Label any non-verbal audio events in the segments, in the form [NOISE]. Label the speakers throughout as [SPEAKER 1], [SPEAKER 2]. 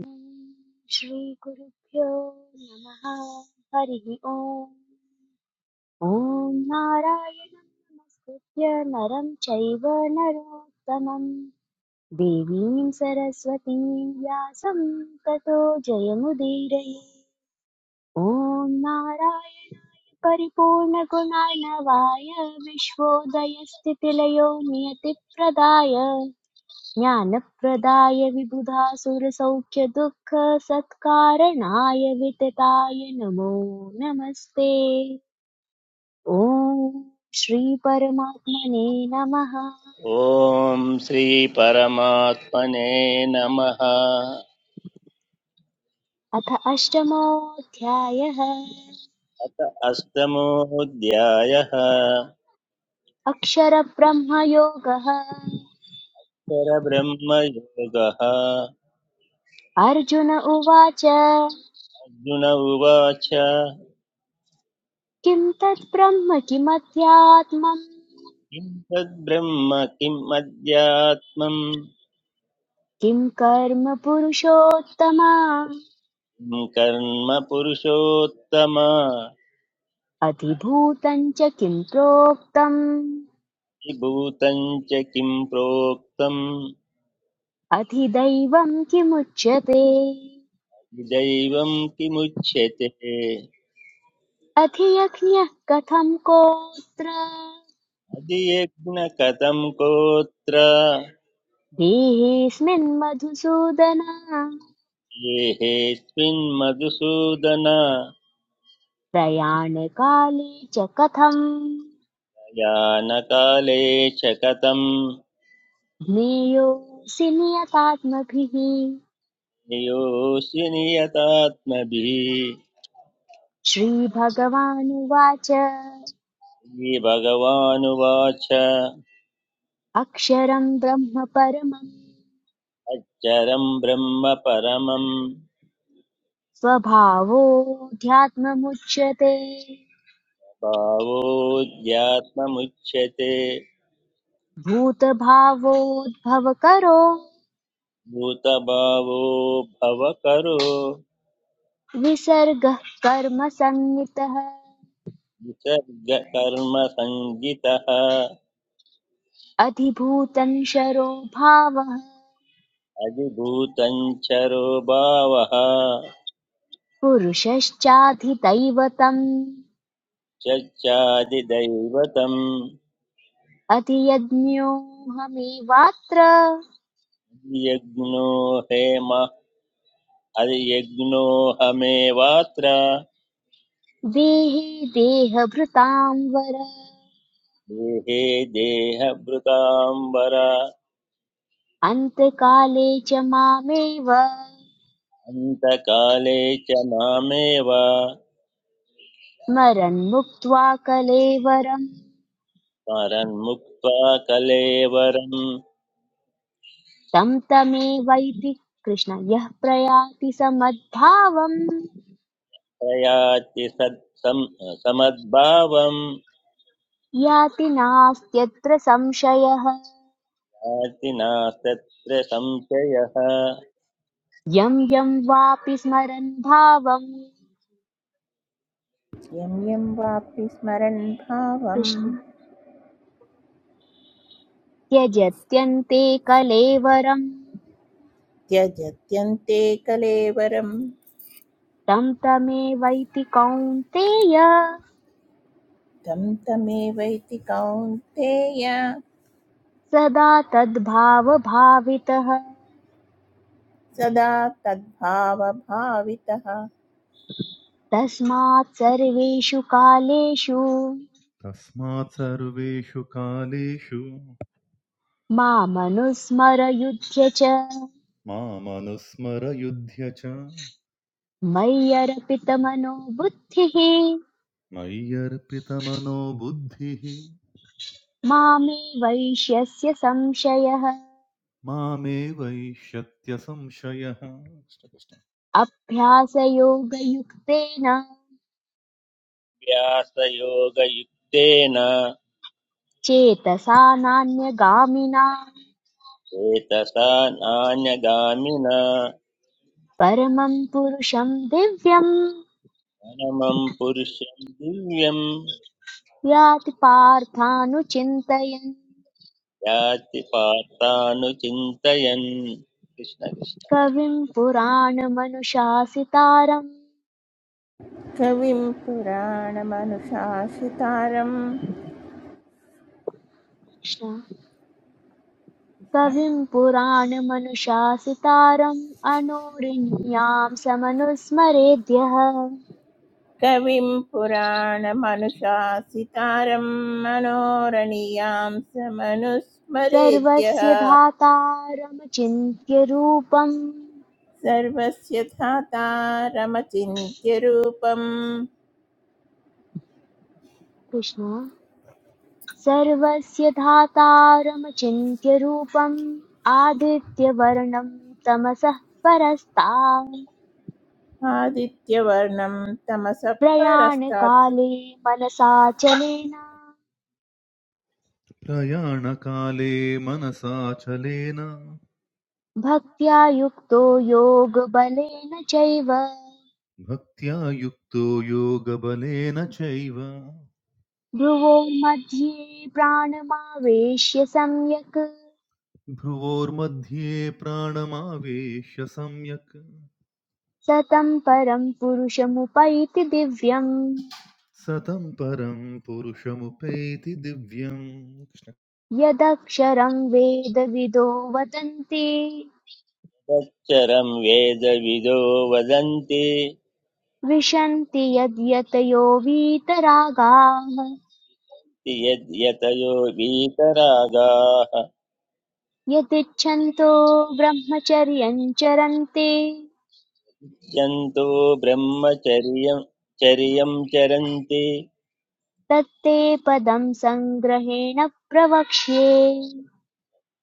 [SPEAKER 1] ॐ श्रीगुरुभ्यो नमः हरिः ओम् ॐ नारायणं नमस्कृत्य नरं चैव नरोत्तमं देवीं सरस्वतीं व्यासं ततो जयमुदीरये ॐ नारायणाय परिपूर्णगुणार्णवाय विश्वोदयस्थितिलयो नियतिप्रदाय ज्ञानप्रदाय विबुधासुरसौख्यदुःखसत्कारणाय वितताय नमो नमस्ते ॐ श्री परमात्मने नमः
[SPEAKER 2] ॐ श्रीपरमात्मने नमः
[SPEAKER 1] अथ अष्टमोऽध्यायः
[SPEAKER 2] अथ अष्टमोऽध्यायः
[SPEAKER 1] अक्षरब्रह्मयोगः
[SPEAKER 2] परब्रह्मयोगः
[SPEAKER 1] अर्जुन उवाच
[SPEAKER 2] अर्जुन उवाच किं
[SPEAKER 1] किं तत् ब्रह्म किमध्यात्मम्
[SPEAKER 2] तद्ब्रह्म किम् अध्यात्मम्
[SPEAKER 1] किं कर्म पुरुषोत्तम
[SPEAKER 2] किं कर्म पुरुषोत्तम
[SPEAKER 1] अतिभूतम् च किं प्रोक्तम्
[SPEAKER 2] विभूतं च किं प्रोक्तं
[SPEAKER 1] अधिदैवं किमुच्यते
[SPEAKER 2] दैवं किमुच्यते
[SPEAKER 1] अधियज्ञः कथं कोऽत्र
[SPEAKER 2] अधियज्ञ कथं गोत्र
[SPEAKER 1] देहेऽस्मिन् मधुसूदन
[SPEAKER 2] गेहेऽस्मिन्मधुसूदन
[SPEAKER 1] प्रयाणकाले च कथम्
[SPEAKER 2] यानकाले च कथं
[SPEAKER 1] ज्ञेयोऽसि नियतात्मभिः
[SPEAKER 2] नियोऽसि नियतात्मभिः
[SPEAKER 1] श्रीभगवानुवाच
[SPEAKER 2] श्रीभगवानुवाच
[SPEAKER 1] अक्षरं ब्रह्म परमम्
[SPEAKER 2] अच्चरं ब्रह्म परमं
[SPEAKER 1] स्वभावोऽध्यात्ममुच्यते
[SPEAKER 2] भावोऽध्यात्ममुच्यते
[SPEAKER 1] भूतभावोद्भवकरो
[SPEAKER 2] भूतभावो भवकरो
[SPEAKER 1] विसर्गः कर्मसन्नितः
[SPEAKER 2] निसर्गकर्मसङ्गितः
[SPEAKER 1] अधिभूतं शरो भावः
[SPEAKER 2] अधिभूतञ्चरो भावः
[SPEAKER 1] पुरुषश्चाधिदैवतम्
[SPEAKER 2] चच्चादिदैवतम्
[SPEAKER 1] अधियज्ञोऽहमेवात्र
[SPEAKER 2] यज्ञो हेम हरियज्ञो हमेवात्र
[SPEAKER 1] देहे देहभृतां वर
[SPEAKER 2] देहे देहभृताम्बर
[SPEAKER 1] अन्तकाले च मामेव
[SPEAKER 2] अन्तकाले च मामेव
[SPEAKER 1] स्मरन्मुक्त्वा कलेवरम्
[SPEAKER 2] स्मरन्मुक्त्वा कलेवरं
[SPEAKER 1] तं तमेवैति कृष्ण यः प्रयाति समद्भावम्
[SPEAKER 2] प्रयाति सत्सम् समद्भावं
[SPEAKER 1] याति नास्त्यत्र संशयः
[SPEAKER 2] याति नास्तत्र संशयः
[SPEAKER 1] यं यं वापि स्मरन् भावं
[SPEAKER 3] यं यं वापि स्मरन् भावं
[SPEAKER 1] कृष्ण त्यजत्यन्ते कलेवरं
[SPEAKER 3] त्यजत्यन्ते कलेवरं
[SPEAKER 1] तं तमेवैति कौन्तेय
[SPEAKER 3] तं तमेवैति कौन्तेय
[SPEAKER 1] सदा तद्भावभावितः
[SPEAKER 3] सदा तद्भावभावितः
[SPEAKER 1] तस्मात् सर्वेषु कालेषु
[SPEAKER 4] तस्मात् सर्वेषु कालेषु
[SPEAKER 1] मामनुस्मर युध्य च
[SPEAKER 4] मामनुस्मरयुध्य च
[SPEAKER 1] मय्यर्पितमनो बुद्धिः
[SPEAKER 4] मय्यर्पितमनो बुद्धिः
[SPEAKER 1] मामे वैष्यस्य संशयः
[SPEAKER 4] मामे संशयः
[SPEAKER 1] अभ्यासयोगयुक्तेन
[SPEAKER 2] व्यासयोगयुक्तेन
[SPEAKER 1] चेतसा नान्यगामिनां
[SPEAKER 2] चेतसा नान्यगामिना
[SPEAKER 1] परमं पुरुषं दिव्यं
[SPEAKER 2] परमं पुरुषं दिव्यं
[SPEAKER 1] याति पार्थानुचिन्तयन्
[SPEAKER 2] याति पार्थानुचिन्तयन् कृष्ण कृष्ण
[SPEAKER 1] कविं पुराणमनुशासितारम्
[SPEAKER 3] कविं पुराणमनुशासितारम्
[SPEAKER 1] कृष्ण कविं पुराणमनुशासितारम् अनोरिण्यां समनुस्मरेद्यः
[SPEAKER 3] कविं पुराणमनुशासितारं मनोरणीयां समनुस्मरेद्यः
[SPEAKER 1] सर्वस्य धातारमचिन्त्य रूपम्
[SPEAKER 3] सर्वस्य धातारमचिन्त्यरूपम्
[SPEAKER 1] कृष्ण सर्वस्य धातारमचिन्त्य रूपम् आदित्यवर्णं तमसः परस्तात्
[SPEAKER 3] आदित्यवर्णं तमसः परस्तात्
[SPEAKER 1] प्रयाणकाले मनसाचलेन
[SPEAKER 4] प्रयाणकाले मनसाचलेन
[SPEAKER 1] भक्त्या युक्तो योगबलेन चैव
[SPEAKER 4] भक्त्या युक्तो योगबलेन चैव
[SPEAKER 1] भ्रुवोर्मध्ये प्राणमावेश्य सम्यक्
[SPEAKER 4] भ्रुवोर्मध्ये प्राणमावेश्य सम्यक्
[SPEAKER 1] सतं परं पुरुषमुपैति दिव्यम्
[SPEAKER 4] सतम् परम् पुरुषमुपैति दिव्यम्
[SPEAKER 1] यदक्षरं वेदविदो वदन्ति
[SPEAKER 2] तच्चरं वेदविदो वदन्ति
[SPEAKER 1] विशन्ति यद्यतयो वीतरागाः
[SPEAKER 2] इति यद्यतयो वीतरागाः
[SPEAKER 1] यदिच्छन्तो ब्रह्मचर्यं चरन्ति
[SPEAKER 2] यन्तो ब्रह्मचर्यं चर्यं चरन्ति
[SPEAKER 1] तत्ते पदं सङ्ग्रहेण प्रवक्ष्ये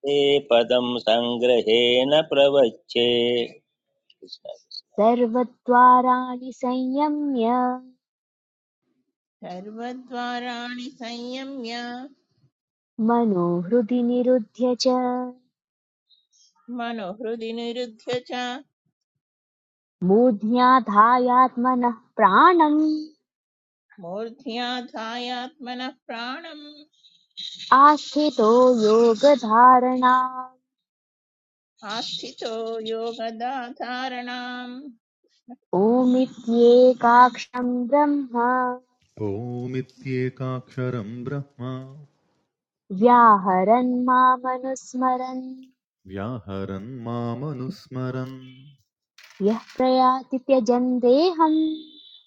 [SPEAKER 2] ते पदं सङ्ग्रहेण प्रवच्छे कृष्ण कृष्ण
[SPEAKER 1] सर्वद्वाराणि संयम्य
[SPEAKER 3] सर्वद्वाराणि संयम्य
[SPEAKER 1] मनोहृदि निरुध्य च
[SPEAKER 3] मनोहृदि निरुध्य च
[SPEAKER 1] मूर्ध्याधायात्मनः प्राणम्
[SPEAKER 3] मूर्ध्याधायात्मनः प्राणम्
[SPEAKER 1] आस्थितो योगधारणा
[SPEAKER 3] आस्थितो योगदाधारणाम्
[SPEAKER 1] ओमित्येकाक्षम् ब्रह्म
[SPEAKER 4] ओमित्येकाक्षरं ब्रह्म
[SPEAKER 1] व्याहरन् मामनुस्मरन्
[SPEAKER 4] व्याहरन् मामनुस्मरन्
[SPEAKER 1] यः प्रयाति त्यजन् देहम्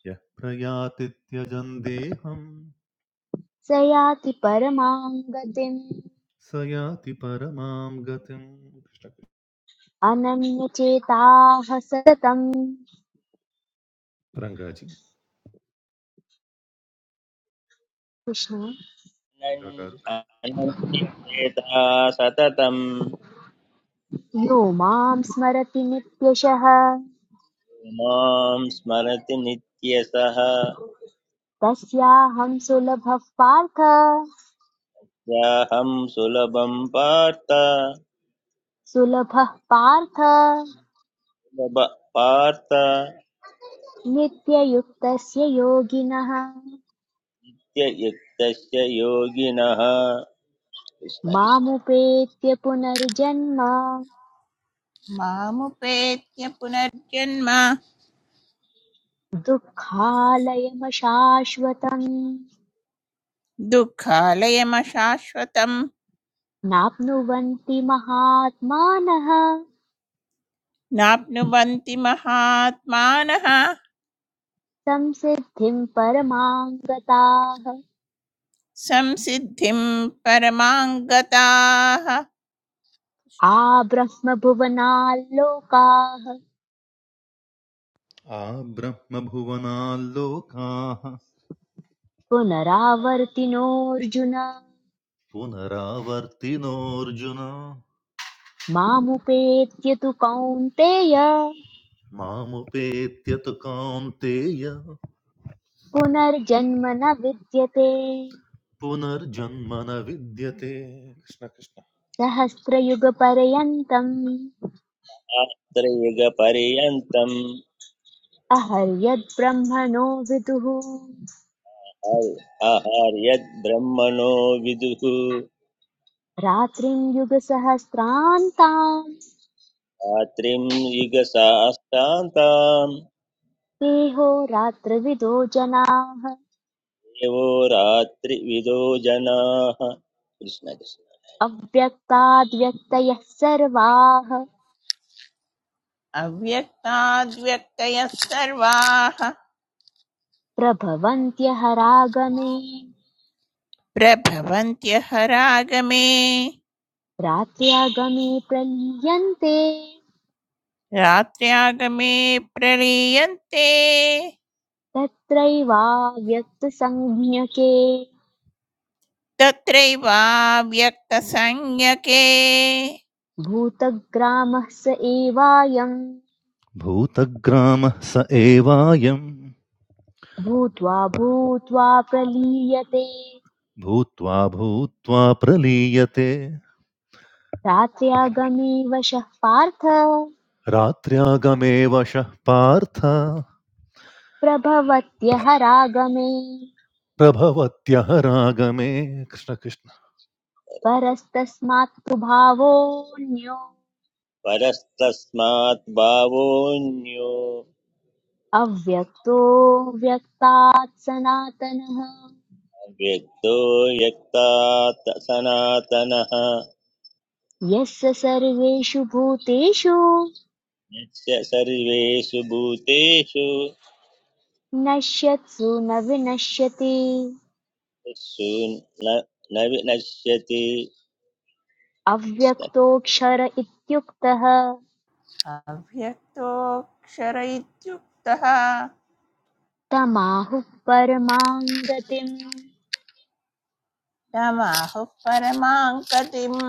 [SPEAKER 4] यः प्रयाति त्यजन् देहं
[SPEAKER 1] स याति परमां गतिम्
[SPEAKER 4] स याति परमां गतिम्
[SPEAKER 1] अनन्यचेताः सततम्
[SPEAKER 4] रङ्गाजी
[SPEAKER 1] कृष्ण
[SPEAKER 4] रङ्गाकाరు
[SPEAKER 2] अनन्- अनन्यचेता सततं
[SPEAKER 1] यो मां स्मरति नित्यशः
[SPEAKER 2] मां स्मरति नित्यसः
[SPEAKER 1] तस्याहं सुलभः पार्थ
[SPEAKER 2] याहं सुलभं पार्थ सुलभ
[SPEAKER 1] सुलभः पार्थ
[SPEAKER 2] पार्थ
[SPEAKER 1] नित्ययुक्तस्य योगिनः
[SPEAKER 2] नित्ययुक्तस्य योगिनः कृष्ण कृष्ण
[SPEAKER 1] मामुपेत्य पुनर्जन्म
[SPEAKER 3] मामुपेत्य पुनर्जन्म
[SPEAKER 1] दुःखालयमशाश्वतम्
[SPEAKER 3] दुःखालयमशाश्वतम्
[SPEAKER 1] नाप्नुवन्ति महात्मानः
[SPEAKER 3] नाप्नुवन्ति महात्मानः
[SPEAKER 1] संसिद्धिम् परमाम् गताः
[SPEAKER 3] संसिद्धिं परमाङ्गताः
[SPEAKER 1] आब्रह्मभुवनाल्लोकाः
[SPEAKER 4] आ ब्रह्मभुवनाल्लोकाः
[SPEAKER 1] पुनरावर्तिनोऽर्जुन
[SPEAKER 4] पुनरावर्तिनोऽर्जुन
[SPEAKER 1] मामुपेत्य तु कौन्तेय
[SPEAKER 4] मामुपेत्य तु कान्तेय
[SPEAKER 1] पुनर्जन्म न विद्यते
[SPEAKER 4] पुनर्जन्म न विद्यते कृष्ण कृष्ण
[SPEAKER 1] सहस्रयुगपर्यन्तम्
[SPEAKER 2] आत्रयुगपर्यन्तम्
[SPEAKER 1] अहर्यद्ब्रह्मणो विदुः
[SPEAKER 2] आहार्यद्ब्रह्मणो विदुः
[SPEAKER 1] रात्रिं युगसहस्रान्ताम्
[SPEAKER 2] रात्रिं युगसाष्टान्तां
[SPEAKER 1] रात्रविदो जनाः
[SPEAKER 2] देवो रात्रिविदो जनाः कृष्ण कृष्ण
[SPEAKER 1] अव्यक्ताद्व्यक्तयः सर्वाः
[SPEAKER 3] अव्यक्ताद्व्यक्तयः सर्वाः
[SPEAKER 1] प्रभवन्त्यहरागमे
[SPEAKER 3] प्रभवन्त्यः रागमे
[SPEAKER 1] रात्र्यागमे प्रलीयन्ते
[SPEAKER 3] रात्र्यागमे प्रलीयन्ते
[SPEAKER 1] तत्रैवाव्यक्तसंज्ञके
[SPEAKER 3] तत्रैवाव्यक्तसंज्ञके
[SPEAKER 1] भूतग्रामः स एवायम्
[SPEAKER 4] भूतग्रामः स एवायम्
[SPEAKER 1] भूत्वा भूत्वा प्रलीयते
[SPEAKER 4] भूत्वा भूत्वा प्रलीयते
[SPEAKER 1] रात्र्यागमे वशः पार्थ
[SPEAKER 4] रात्र्यागमे वशः पार्थ
[SPEAKER 1] प्रभवत्यः रागमे
[SPEAKER 4] प्रभवत्यः रागमे कृष्णकृष्ण
[SPEAKER 1] परस्तस्मात्तु भावोऽन्यो
[SPEAKER 2] परस्तस्मात् भावोऽन्यो
[SPEAKER 1] अव्यक्तो व्यक्तात् सनातनः
[SPEAKER 2] व्यक्तो व्यक्ता सनातनः
[SPEAKER 1] यस्य सर्वेषु भूतेषु
[SPEAKER 2] यस्य सर्वेषु भूतेषु
[SPEAKER 1] नश्यत्सु न विनश्यति
[SPEAKER 2] यस्सु न न विनश्यति
[SPEAKER 1] अव्यक्तोऽक्षर इत्युक्तः
[SPEAKER 3] अव्यक्तोऽक्षर इत्युक्तः
[SPEAKER 1] तमाहुः परमां गतिम्
[SPEAKER 3] तमाहुः परमां गतिम्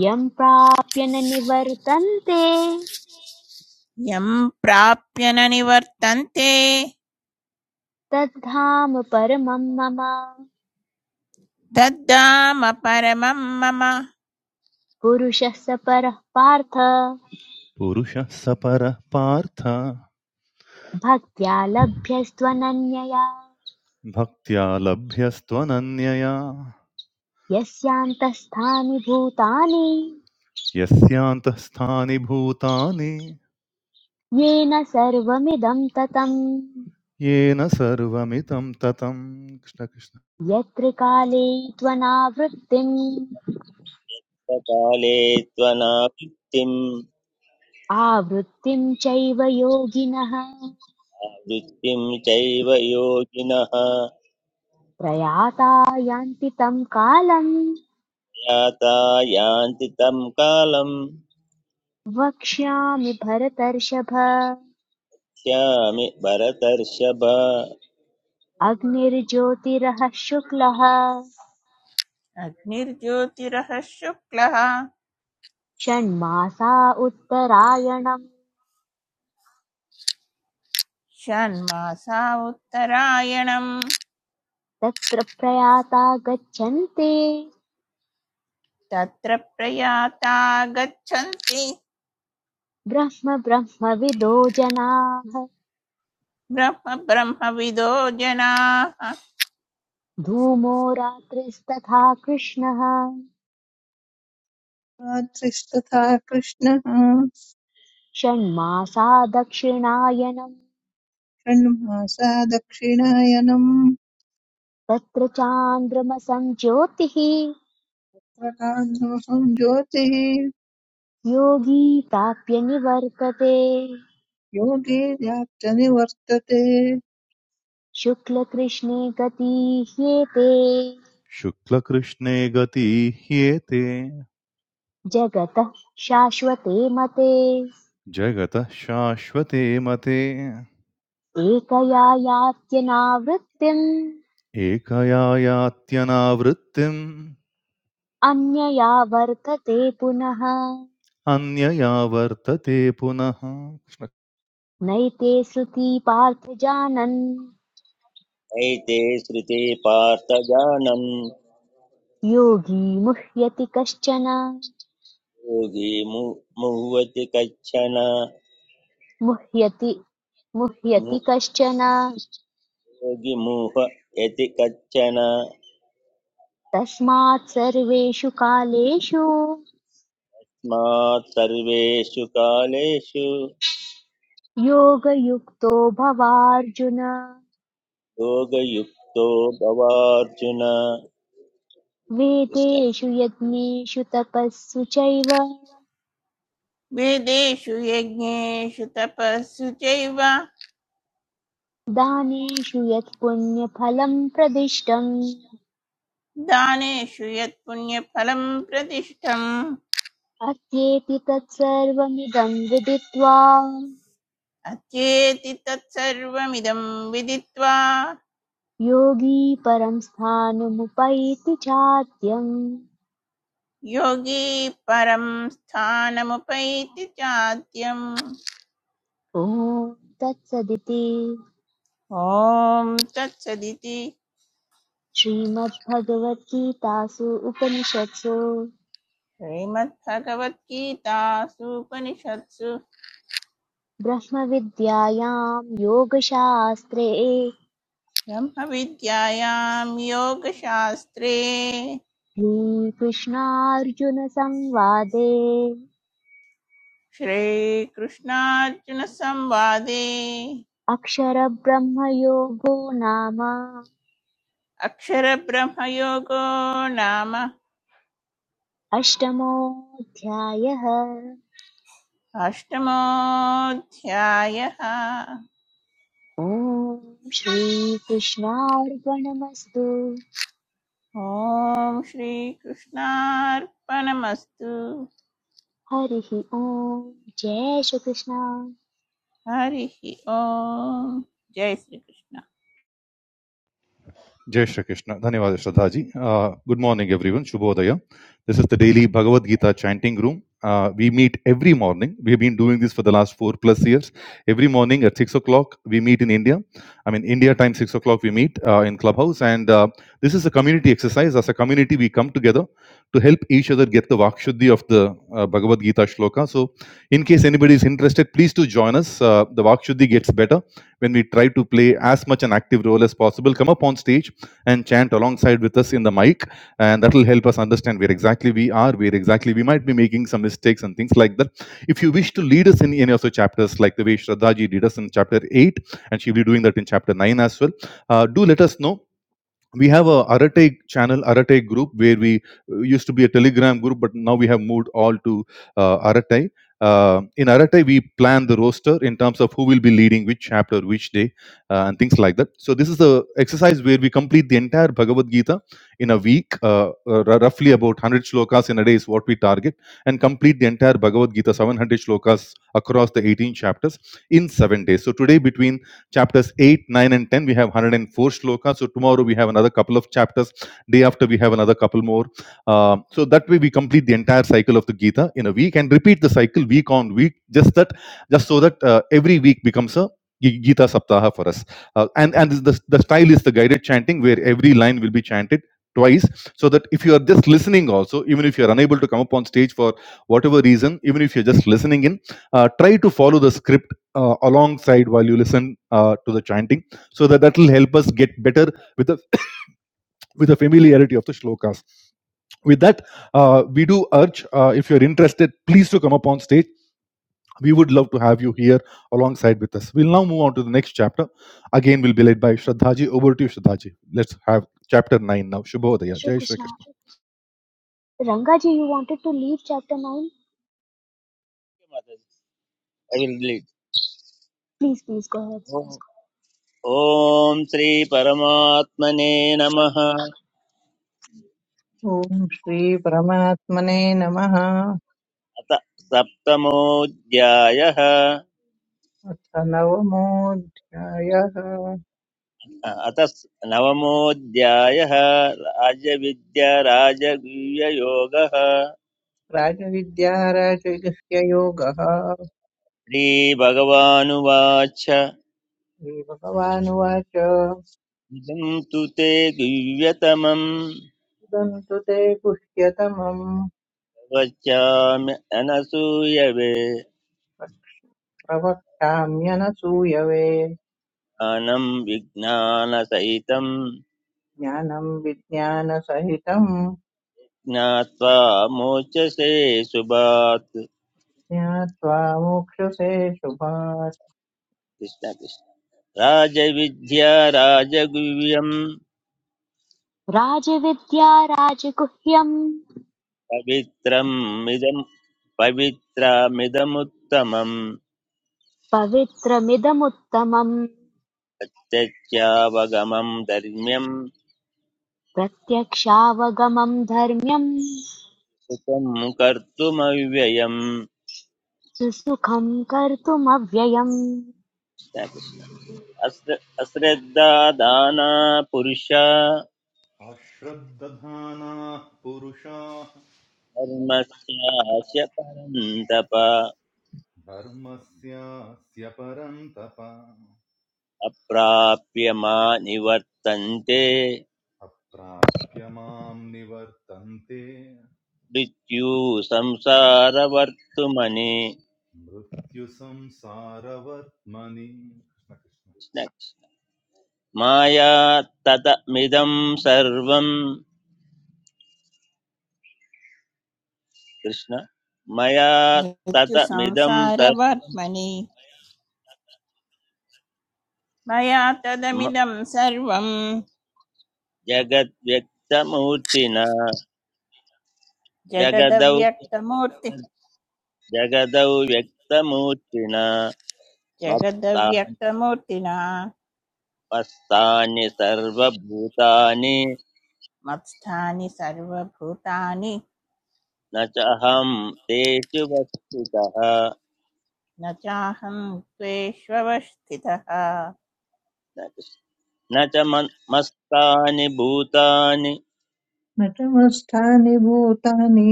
[SPEAKER 1] यं प्राप्य न निवर्तन्ते
[SPEAKER 3] यं प्राप्य न निवर्तन्ते
[SPEAKER 1] तद्धाम परमं मम
[SPEAKER 3] तद्धाम परमं मम
[SPEAKER 1] पुरुषः स परः पार्थ
[SPEAKER 4] पुरुषः सपरः पार्थ
[SPEAKER 1] भक्त्या लभ्यस्त्वनन्यया
[SPEAKER 4] भक्त्या लभ्यस्त्वनन्यया
[SPEAKER 1] यस्यान्तःस्थानि भूतानि
[SPEAKER 4] यस्यान्तःस्थानि भूतानि
[SPEAKER 1] येन सर्वमिदं ततम्
[SPEAKER 4] येन सर्वमिदं ततम् कृष्णकृष्ण
[SPEAKER 1] यत्र काले त्वनावृत्तिम्
[SPEAKER 2] काले त्वनावृत्तिं
[SPEAKER 1] आवृत्तिं चैव योगिनः
[SPEAKER 2] वृत्तिं चैव योगिनः
[SPEAKER 1] प्रयाता यान्ति तं कालम्
[SPEAKER 2] याता यान्ति तं कालं
[SPEAKER 1] वक्ष्यामि भरतर्षभ
[SPEAKER 2] स्यामि भरतर्षभ
[SPEAKER 1] अग्निर्ज्योतिरः शुक्लः
[SPEAKER 3] अग्निर्ज्योतिरः शुक्लः
[SPEAKER 1] षण्मासा उत्तरायणम्
[SPEAKER 3] षण्मासा उत्तरायणम्
[SPEAKER 1] तत्र प्रयाता गच्छन्ते
[SPEAKER 3] तत्र प्रयाता गच्छन्ति
[SPEAKER 1] ब्रह्म ब्रह्मविदो जनाः
[SPEAKER 3] ब्रह्म ब्रह्मविदो जनाः
[SPEAKER 1] धूमो रात्रिस्तथा कृष्णः
[SPEAKER 5] रात्रिस्तथा कृष्णः
[SPEAKER 1] षण्मासा दक्षिणायनम्
[SPEAKER 5] षण्मासा दक्षिणायनम्
[SPEAKER 1] तत्र चान्द्रमसं ज्योतिः
[SPEAKER 5] प्रकाशोऽहं ज्योतिः
[SPEAKER 1] योगी प्राप्य निवर्तते
[SPEAKER 5] योगे व्याप्तनिवर्तते
[SPEAKER 1] शुक्लकृष्णे गतीह्येते
[SPEAKER 4] शुक्लकृष्णे गतीह्येते
[SPEAKER 1] जगतः शाश्वते मते
[SPEAKER 4] जगतः शाश्वते मते
[SPEAKER 1] एकया यात्यनावृत्तिम्
[SPEAKER 4] एकया यात्यनावृत्तिम्
[SPEAKER 1] अन्यया वर्तते पुनः
[SPEAKER 4] अन्यया वर्तते पुनः कृष्ण
[SPEAKER 1] नैते सृती पार्थ जानन्
[SPEAKER 2] एते श्रुते पार्थजानं
[SPEAKER 1] योगी मुह्यति कश्चन
[SPEAKER 2] योगी मु मुह्वति कच्छन
[SPEAKER 1] मुह्यति
[SPEAKER 2] मु
[SPEAKER 1] मुह्यति कश्चन
[SPEAKER 2] योगिमूह यति कच्चन
[SPEAKER 1] तस्मात् सर्वेषु कालेषु
[SPEAKER 2] स्मात् सर्वेषु कालेषु
[SPEAKER 1] योगयुक्तो भवार्जुन
[SPEAKER 2] योगयुक्तो भवार्जुन कृष्ण-
[SPEAKER 1] वेदेषु यज्ञेषु तपस्सु चैव
[SPEAKER 3] वेदेषु यज्ञेषु तपस्सु चैव
[SPEAKER 1] दानेषु यत्पुण्यफलम् प्रदिष्टम्
[SPEAKER 3] दानेषु यत्पुण्यफलम् प्रतिष्ठम्
[SPEAKER 1] अत्येति तत्सर्वमिदं विदित्वा
[SPEAKER 3] अत्येति तत्सर्वमिदं विदित्वा
[SPEAKER 1] योगी परं स्थानमुपैति चात्यम्
[SPEAKER 3] योगी परं स्थानमुपैति चाद्यम्
[SPEAKER 1] ॐ तत्सदिति
[SPEAKER 3] ॐ तत्सदिति
[SPEAKER 1] श्रीमद्भगवद्गीतासु उपनिषत्सु
[SPEAKER 3] श्रीमद्भगवद्गीतासूपनिषत्सु
[SPEAKER 1] ब्रह्मविद्यायां योगशास्त्रे
[SPEAKER 3] ब्रह्मविद्यायां योगशास्त्रे
[SPEAKER 1] श्रीकृष्णार्जुनसंवादे
[SPEAKER 3] श्रीकृष्णार्जुनसंवादे
[SPEAKER 1] अक्षरब्रह्मयोगो नाम
[SPEAKER 3] अक्षरब्रह्मयोगो नाम
[SPEAKER 1] अष्टमोऽध्यायः
[SPEAKER 3] अष्टमोऽध्यायः
[SPEAKER 1] ॐ श्रीकृष्णार्पणमस्तु
[SPEAKER 3] ॐ श्रीकृष्णार्पणमस्तु
[SPEAKER 1] हरिः ॐ जय श्रीकृष्ण
[SPEAKER 3] हरिः ॐ जय Shrikrishna
[SPEAKER 4] Jai Shri Krishna. Dhanyavad Shraddhaji. Uh, good morning, everyone. Shubhodaya. This is the daily Bhagavad Gita chanting room. Uh, we meet every morning. We have been doing this for the last four plus years. Every morning at six o'clock, we meet in India. I mean, India time six o'clock, we meet uh, in Clubhouse. And uh, this is a community exercise. As a community, we come together to help each other get the Vakshuddhi of the uh, Bhagavad Gita shloka. So, in case anybody is interested, please do join us. Uh, the Vakshuddhi gets better when we try to play as much an active role as possible. Come up on stage and chant alongside with us in the mic. And that will help us understand where exactly we are, where exactly we might be making some mistakes and things like that. If you wish to lead us in any of the chapters, like the way Shraddha ji did us in chapter 8, and she'll be doing that in chapter 9 as well, uh, do let us know we have a Arate channel, Arate group, where we uh, used to be a Telegram group, but now we have moved all to uh, Arate. Uh, in Arate, we plan the roster in terms of who will be leading which chapter, which day, uh, and things like that. So this is the exercise where we complete the entire Bhagavad Gita in a week, uh, uh, r- roughly about 100 shlokas in a day is what we target, and complete the entire Bhagavad Gita, 700 shlokas across the 18 chapters in seven days. So today, between Chapters 8, 9, and 10, we have 104 shlokas. So tomorrow we have another couple of chapters. Day after, we have another couple more. Uh, so that way, we complete the entire cycle of the Gita in a week and repeat the cycle week on week, just that, just so that uh, every week becomes a Gita Saptaha for us. Uh, and and the, the style is the guided chanting where every line will be chanted twice so that if you are just listening also even if you are unable to come up on stage for whatever reason even if you're just listening in uh, try to follow the script uh, alongside while you listen uh, to the chanting so that that will help us get better with the [COUGHS] with the familiarity of the shlokas with that uh, we do urge uh, if you're interested please to come up on stage we would love to have you here alongside with us we'll now move on to the next chapter again we'll be led by shraddhaji over to you shraddhaji let's have chapter 9 now
[SPEAKER 1] जय
[SPEAKER 4] shubhodaya jai shri
[SPEAKER 1] Shrikrishna
[SPEAKER 4] krishna
[SPEAKER 1] Rangaji you wanted to leave chapter nine
[SPEAKER 2] I will read.
[SPEAKER 1] Please please go ahead
[SPEAKER 2] ॐ श्री परमात्मने नमः अथ
[SPEAKER 5] ॐ श्रीपरमात्मने नमः
[SPEAKER 2] सप्तमोऽध्यायः
[SPEAKER 5] अथ नवमोऽध्यायः
[SPEAKER 2] अथ नवमोऽध्यायः राजविद्या राजगुह्ययोगः
[SPEAKER 5] राजविद्या राजगस्य योगः
[SPEAKER 2] श्रीभगवानुवाच
[SPEAKER 5] श्रीभगवानुवाच
[SPEAKER 2] इदं तु ते दिव्यतमं
[SPEAKER 5] "इदं तु ते गुह्यतमम्
[SPEAKER 2] वच्यामि अनसूयवे
[SPEAKER 5] प्रवक्ष्याम्यनसूयवे
[SPEAKER 2] ज्ञानं विज्ञानसहितं
[SPEAKER 5] ज्ञानं विज्ञानसहितं
[SPEAKER 2] ज्ञात्वा मोचसे सुभात्
[SPEAKER 5] ज्ञात्वा मोक्षसे शुभात्
[SPEAKER 2] कृष्ण कृष्ण राजविद्या राजगुह्यं
[SPEAKER 1] राजविद्या राजगुह्यं
[SPEAKER 2] पवित्रम् इदं पवित्रमिदमुत्तमं
[SPEAKER 1] पवित्रमिदमुत्तमं
[SPEAKER 2] त्यक्त्यावगमं धर्म्यं
[SPEAKER 1] प्रत्यक्षावगमं धर्म्यं
[SPEAKER 2] सुखं कर्तुमव्ययम्
[SPEAKER 1] सुसुखं कर्तुमव्ययम्
[SPEAKER 2] अश्र अश्रद्धा दाना पुरुषा
[SPEAKER 4] अश्रद्धधानाः पुरुषाः
[SPEAKER 2] धर्मस्यास्य परं तप
[SPEAKER 4] Sya परन्तप
[SPEAKER 2] अप्राप्य मा निवर्तन्ते
[SPEAKER 4] अप्राप्य मां निवर्तन्ते
[SPEAKER 2] मृत्यु संसारवर्तुमनि
[SPEAKER 4] मृत्युसंसारवर्त्मनि कृष्ण कृष्ण
[SPEAKER 2] कृष्ण माया ततमिदं सर्वं कृष्ण मया ततमिदं सर्वं
[SPEAKER 3] मृत्युसंसारवर्त्मनि मया तदमिदं सर्वं
[SPEAKER 2] जगद्व्यक्तमूर्तिना जगदौ
[SPEAKER 3] जगदव्यक्तमूर्ति
[SPEAKER 2] जगदौ व्यक्तमूर्तिना मत्तानि
[SPEAKER 3] जगदव्यक्तमूर्तिना
[SPEAKER 2] मत्तानि सर्वभूतानि
[SPEAKER 3] मत्स्थानि सर्वभूतानि
[SPEAKER 2] न चाहं तेषु वस्तुतः
[SPEAKER 3] न चाहं त्वेष्वस्थितः
[SPEAKER 2] न च मन्- मस्तानि भूतानि
[SPEAKER 5] न च मत्स्थानि भूतानि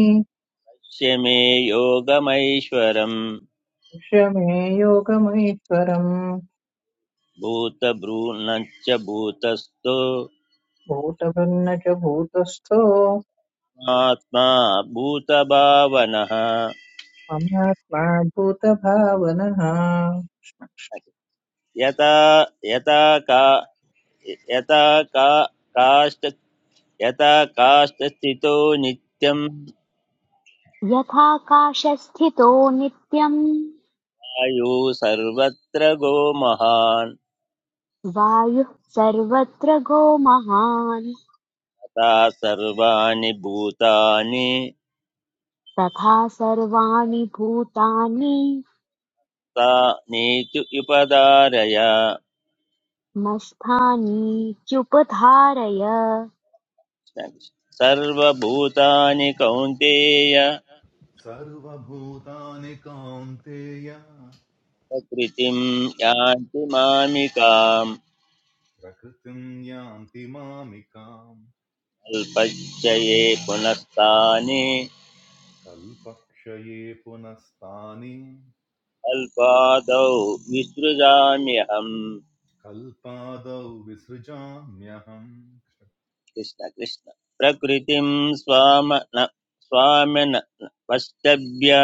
[SPEAKER 2] शमे योगमैश्वरम्
[SPEAKER 5] पश्य मे योगमैश्वरम्
[SPEAKER 2] भूतभ्रूण च भूतस्थो
[SPEAKER 5] भूतभन्न च भूतस्थो
[SPEAKER 2] आत्मा भूतभावनः
[SPEAKER 5] ममात्मा भूतभावनः
[SPEAKER 2] यथा यथा का यथा यथा काष्ठस्थितो नित्यं
[SPEAKER 1] यथाकाशस्थितो नित्यं
[SPEAKER 2] आयुः सर्वत्र गो महान्
[SPEAKER 1] वायुः सर्वत्र गोमहान्
[SPEAKER 2] तथा सर्वाणि भूतानि
[SPEAKER 1] तथा सर्वाणि भूतानि
[SPEAKER 2] तानीति उपधारय
[SPEAKER 1] मत्स्थानीत्युपधारय
[SPEAKER 2] सर्वभूतानि कौन्तेय
[SPEAKER 4] सर्वभूतानि कान्तेय
[SPEAKER 2] प्रकृतिं यान्ति मामिकाम्
[SPEAKER 4] प्रकृतिं यान्ति मामिकाम्
[SPEAKER 2] अल्पच्चये पुनस्तानि
[SPEAKER 4] कल्पक्षये पुनस्तानि
[SPEAKER 2] अल्पादौ विसृजाम्यहम्
[SPEAKER 4] कल्पादौ विसृजाम्यहम्
[SPEAKER 2] कृष्ण कृष्ण प्रकृतिं स्वाम न स्वामिन वष्टभ्य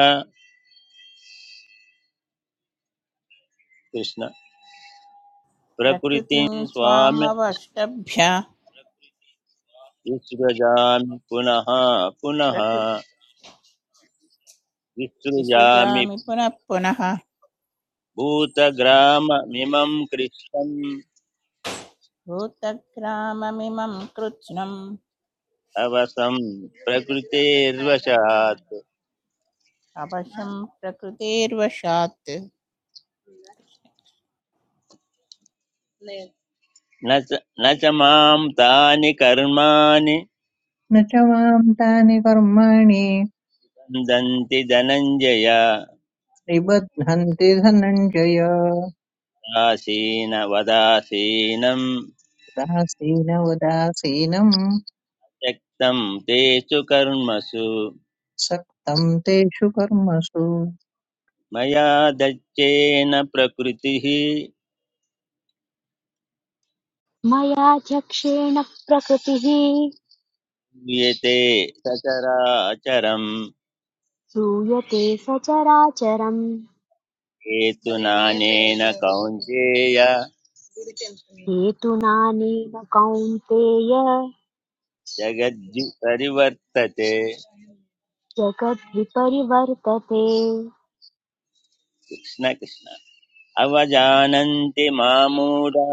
[SPEAKER 2] कृष्ण प्रकृतिं
[SPEAKER 3] प्रकृतिं
[SPEAKER 2] स्वाम्य वष्ट्य
[SPEAKER 3] स्वामवष्टभ्य
[SPEAKER 2] विसृजामि पुनः पुनः
[SPEAKER 3] प्रकृति
[SPEAKER 2] विसृजामि
[SPEAKER 3] विसृजामि पुनः पुनः
[SPEAKER 2] भूतग्राममिमं कृष्णम्
[SPEAKER 3] भूतग्राममिमं कृत्स्नम्
[SPEAKER 2] अवसं प्रकृतेर्वशात्
[SPEAKER 3] अवशं प्रकृतेर्वशात्
[SPEAKER 2] न च न च मां तानि कर्माणि
[SPEAKER 5] न च मां तानि कर्माणि
[SPEAKER 2] दन्ति धनञ्जय
[SPEAKER 5] निबध्नन्ति धनञ्जय
[SPEAKER 2] दासीन वदासीनम्
[SPEAKER 5] उदासीनवदासीनं
[SPEAKER 2] त्यक्तं तेषु कर्मसु
[SPEAKER 5] सक्तं तेषु कर्मसु
[SPEAKER 2] मया दच्चेन प्रकृतिः
[SPEAKER 1] मया चक्षेण प्रकृतिः
[SPEAKER 2] लीयते सचराचरम्
[SPEAKER 1] श्रूयते सचराचरम्
[SPEAKER 2] हेतुनानेन कौन्तेय
[SPEAKER 1] हेतुनानेन कौन्तेय
[SPEAKER 2] जगद्दि परिवर्तते
[SPEAKER 1] जगद्विपरिवर्तते
[SPEAKER 2] कृष्ण कृष्ण अवजानन्ति मामूढा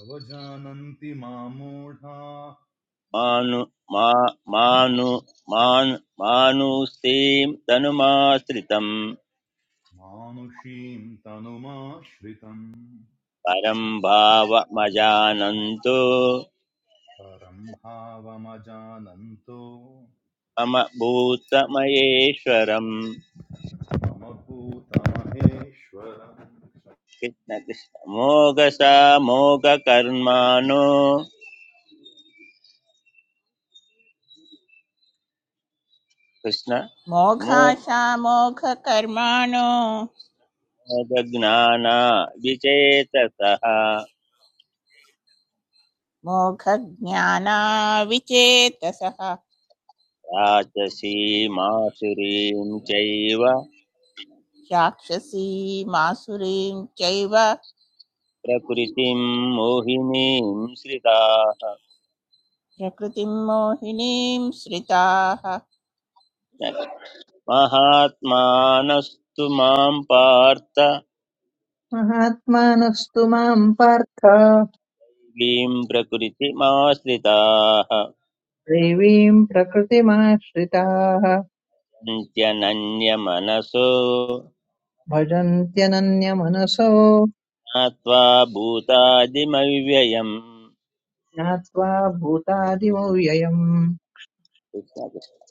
[SPEAKER 4] अवजानन्ति मामूढा
[SPEAKER 2] मानु मा मानु मान् मानुस्तीं तनुमाश्रितं
[SPEAKER 4] मानुषीं तनुमाश्रितम्
[SPEAKER 2] परं भावमजानन्तो
[SPEAKER 4] परं भावमजानन्तो
[SPEAKER 2] समभूतमयेश्वरम्
[SPEAKER 4] मम भूताहेश्वरम्
[SPEAKER 2] कृष्णकृष्ण मोघसा मोघकर्माणो कृष्ण
[SPEAKER 3] मोघाशामोघकर्माणो
[SPEAKER 2] मोघज्ञाना विचेतसः
[SPEAKER 3] मोघज्ञानाविचेतसः
[SPEAKER 2] राजसीमासुरीं चैव
[SPEAKER 3] राक्षसीमासुरीं चैव
[SPEAKER 2] प्रकृतिं मोहिनीं श्रिताः
[SPEAKER 3] प्रकृतिं मोहिनीं श्रिताः
[SPEAKER 2] महात्मानस्तु मां पार्थ
[SPEAKER 5] महात्मानस्तु मां पार्थ
[SPEAKER 2] लीं प्रकृतिमाश्रिताः
[SPEAKER 5] देवीं प्रकृतिमाश्रिताः
[SPEAKER 2] अन्त्यनन्यमनसो
[SPEAKER 5] भजन्त्यनन्यमनसो
[SPEAKER 2] ज्ञात्वा भूतादिमव्ययम्
[SPEAKER 5] ज्ञात्वा भूतादिमो व्ययम्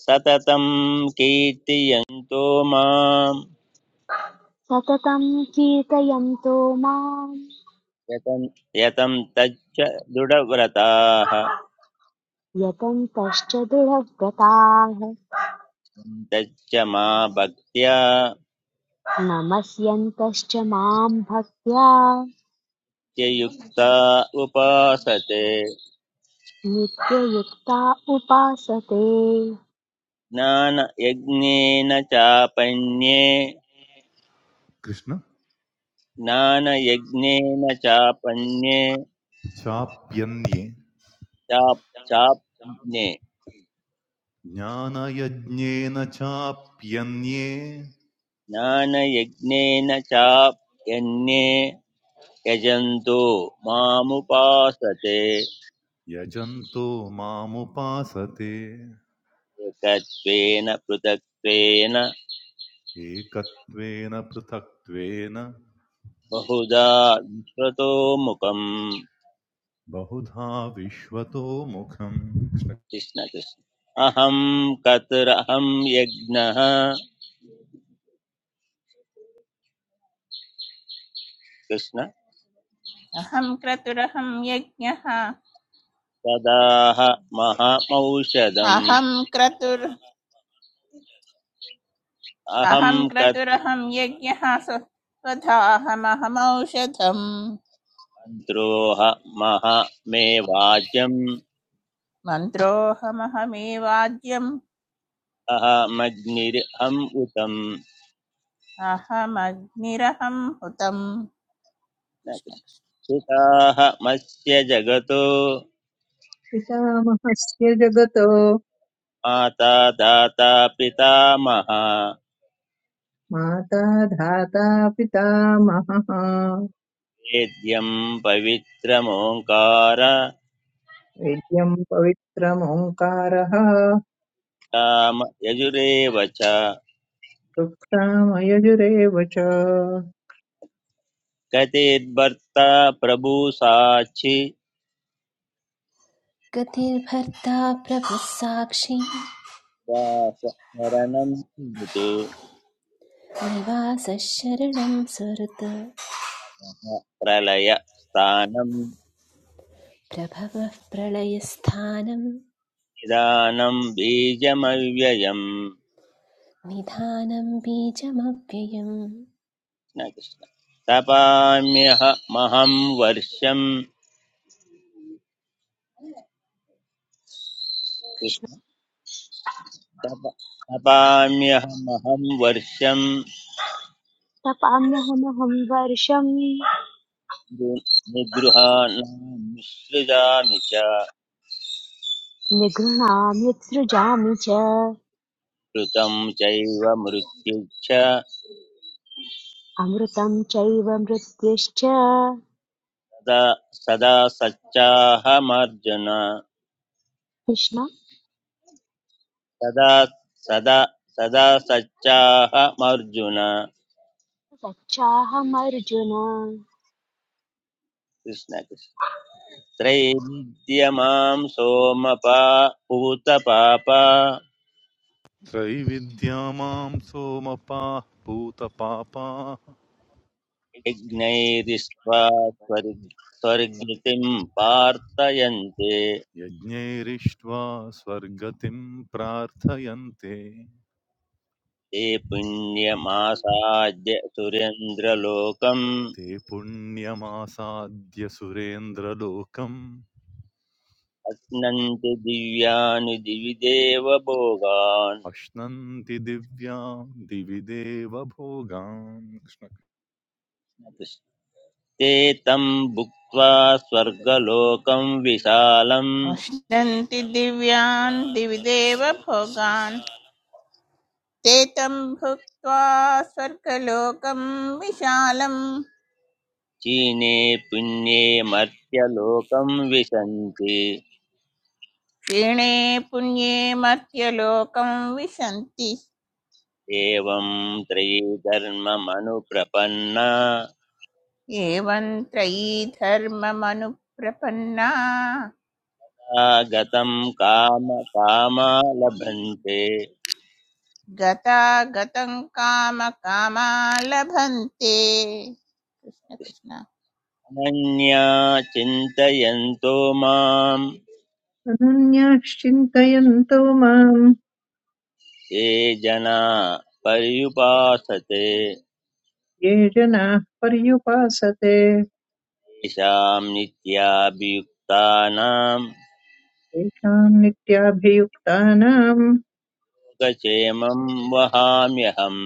[SPEAKER 2] सततं कीर्तयन्तो माम्
[SPEAKER 1] सततं कीर्तयन्तो माम्
[SPEAKER 2] यतं तच्च दृढव्रताः
[SPEAKER 1] यतन्तश्च दुरव्रताः
[SPEAKER 2] तच्च मा भक्त्या
[SPEAKER 1] नमस्यन्तश्च माम् भक्त्या
[SPEAKER 2] युक्ता उपासते
[SPEAKER 1] नित्ययुक्ता उपासते
[SPEAKER 2] ज्ञानयज्ञेन चापण्ये
[SPEAKER 4] कृष्ण
[SPEAKER 2] ज्ञानयज्ञेन चापण्ये
[SPEAKER 4] चाप्यन्ये
[SPEAKER 2] चाप् चाप्ने
[SPEAKER 4] ज्ञानयज्ञेन चाप्यन्ये
[SPEAKER 2] ज्ञानयज्ञेन चाप्यन्ये यजन्तो मामुपासते
[SPEAKER 4] यजन्तो मामुपासते
[SPEAKER 2] एकत्वेन पृथक्त्वेन
[SPEAKER 4] एकत्वेन पृथक्त्वेन
[SPEAKER 2] बहुधा विश्वतो मुखम्
[SPEAKER 4] बहुधा विश्वतो मुखम्
[SPEAKER 2] कृष्ण कृष्ण अहं कतरहं यज्ञः कृष्ण
[SPEAKER 3] अहं क्रतुरहं यज्ञः
[SPEAKER 2] तदाह महमौषधम्
[SPEAKER 3] अहं क्रतुर्
[SPEAKER 2] अहं
[SPEAKER 3] अहं
[SPEAKER 2] कत्
[SPEAKER 3] क्रतुरहं यज्ञः स्वधाहमहमौषधम्
[SPEAKER 2] मन्त्रोह महमे वाच्यम्
[SPEAKER 3] मन्त्रोऽहमहमेवाद्यम्
[SPEAKER 2] अहमग्निरहम् उतम्
[SPEAKER 3] अहमग्निरहं हुतम्
[SPEAKER 2] कृष्ण
[SPEAKER 3] कृष्ण
[SPEAKER 2] कृष्ण।
[SPEAKER 3] कृष्ण।
[SPEAKER 2] सुताः
[SPEAKER 5] पितामहस्य जगतो
[SPEAKER 2] माता दाता पितामह
[SPEAKER 5] माता धाता पितामहः
[SPEAKER 2] वेद्यं पवित्रमोङ्कार
[SPEAKER 5] वेद्यं पवित्रमोङ्कारः
[SPEAKER 2] राम यजुरेव च
[SPEAKER 5] कृक्षामयजुरेव च
[SPEAKER 2] गतिर्भर्ता प्रभु साक्षि
[SPEAKER 6] गतिर्भर्ता प्रभुः साक्षी
[SPEAKER 2] दास शरणं मृदु
[SPEAKER 6] निवासः शरणं सुहृत्
[SPEAKER 2] प्रलय स्थानं
[SPEAKER 6] प्रभवः प्रलयस्थानं
[SPEAKER 2] निदानं बीजमव्ययम्
[SPEAKER 6] निधानं बीजमव्ययम्
[SPEAKER 2] कृष्ण तपाम्यह महं वर्षम्
[SPEAKER 1] कृष्ण
[SPEAKER 2] कृष्ण तप तपाम्यहमहं वर्षम्
[SPEAKER 1] तपाम्यहमहं वर्षम्
[SPEAKER 2] निगृहाणाम् मिश्रितानि च
[SPEAKER 1] निगृह्णाम्युत्सृजामि च
[SPEAKER 2] कृतं चैव मृत्युच्च सदा
[SPEAKER 1] अमृतं चैव मृत्युश्च
[SPEAKER 2] सदा सच्चाहमर्जुन
[SPEAKER 1] कृष्ण
[SPEAKER 2] सदा सदा सदा सच्चाहमर्जुन
[SPEAKER 1] सच्चाहमर्जुन
[SPEAKER 2] कृष्ण कृष्ण त्रैविद्यमां सोमपा पूतपापा
[SPEAKER 4] त्रैविद्या मां सोमपाः भूतपापाः
[SPEAKER 2] यज्ञैरिष्ट्वा स्वर्ग स्वर्गतिं प्रार्थयन्ते
[SPEAKER 4] यज्ञैरिष्ट्वा स्वर्गतिं प्रार्थयन्ते
[SPEAKER 2] ते पुण्यमासाद्य सुरेन्द्रलोकम्
[SPEAKER 4] ते पुण्यमासाद्य सुरेन्द्रलोकम्
[SPEAKER 2] अप्नन्ति दिव्यानि दिवि देवभोगान्
[SPEAKER 4] अश्नन्ति दिव्यां दिवि देवभोगान् कृष्ण-
[SPEAKER 2] ते तम् भुक्त्वा स्वर्गलोकं विशालम्
[SPEAKER 3] मुष्णन्ति दिव्यान् दिवि देव भोगान् ते तं भुक्त्वा स्वर्गलोकं विशालम्
[SPEAKER 2] चीने पुण्ये मर्त्यलोकं विशन्ति
[SPEAKER 3] क्षीणे पुण्ये मर्त्यलोकं विशन्ति
[SPEAKER 2] एवं त्रयी धर्ममनुप्रपन्ना
[SPEAKER 3] एवं त्रयी धर्ममनुप्रपन्ना
[SPEAKER 2] गतं काम कामा लभन्ते
[SPEAKER 3] गता गतं कामकामा लभन्ते कृष्ण कृष्ण
[SPEAKER 2] अनन्या चिन्तयन्तो मां
[SPEAKER 5] अनन्याश्चिन्तयन्तो माम्
[SPEAKER 2] ये जना पर्युपासते
[SPEAKER 5] ये जनाः पर्युपासते
[SPEAKER 2] तेषां नित्याभियुक्तानां
[SPEAKER 5] तेषाम् नित्याभियुक्तानाम्
[SPEAKER 2] सुखक्षेमं वहाम्यहम्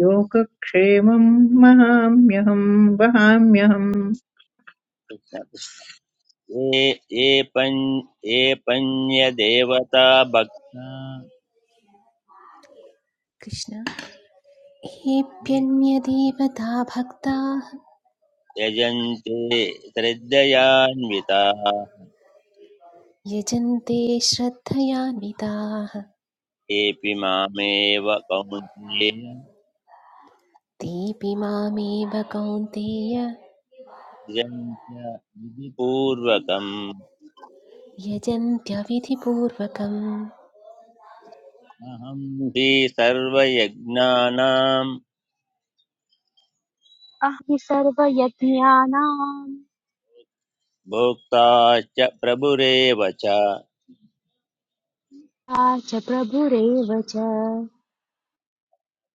[SPEAKER 5] योगक्षेमम् महाम्यहम् वहाम्यहम्
[SPEAKER 2] कृष्ण कृष्ण ये ये पञ् ये पञ्यदेवता भक्ता
[SPEAKER 6] कृष्ण हेऽप्यन्यदेवता भक्ताः
[SPEAKER 2] यजन्ते श्रद्धयान्विता
[SPEAKER 6] यजन्ते श्रद्धयान्विताः
[SPEAKER 2] तेऽपि मामेव कौन्तेय
[SPEAKER 6] तेऽपि मामेव कौन्तेय
[SPEAKER 2] यजन्त्य विधिपूर्वकम्
[SPEAKER 6] यजन्त्यविधिपूर्वकम्
[SPEAKER 2] अहं हि सर्वयज्ञानां
[SPEAKER 1] अहं हि सर्वयज्ञानां
[SPEAKER 2] भोक्ता च प्रभुरेव च
[SPEAKER 1] सा च प्रभुरेव च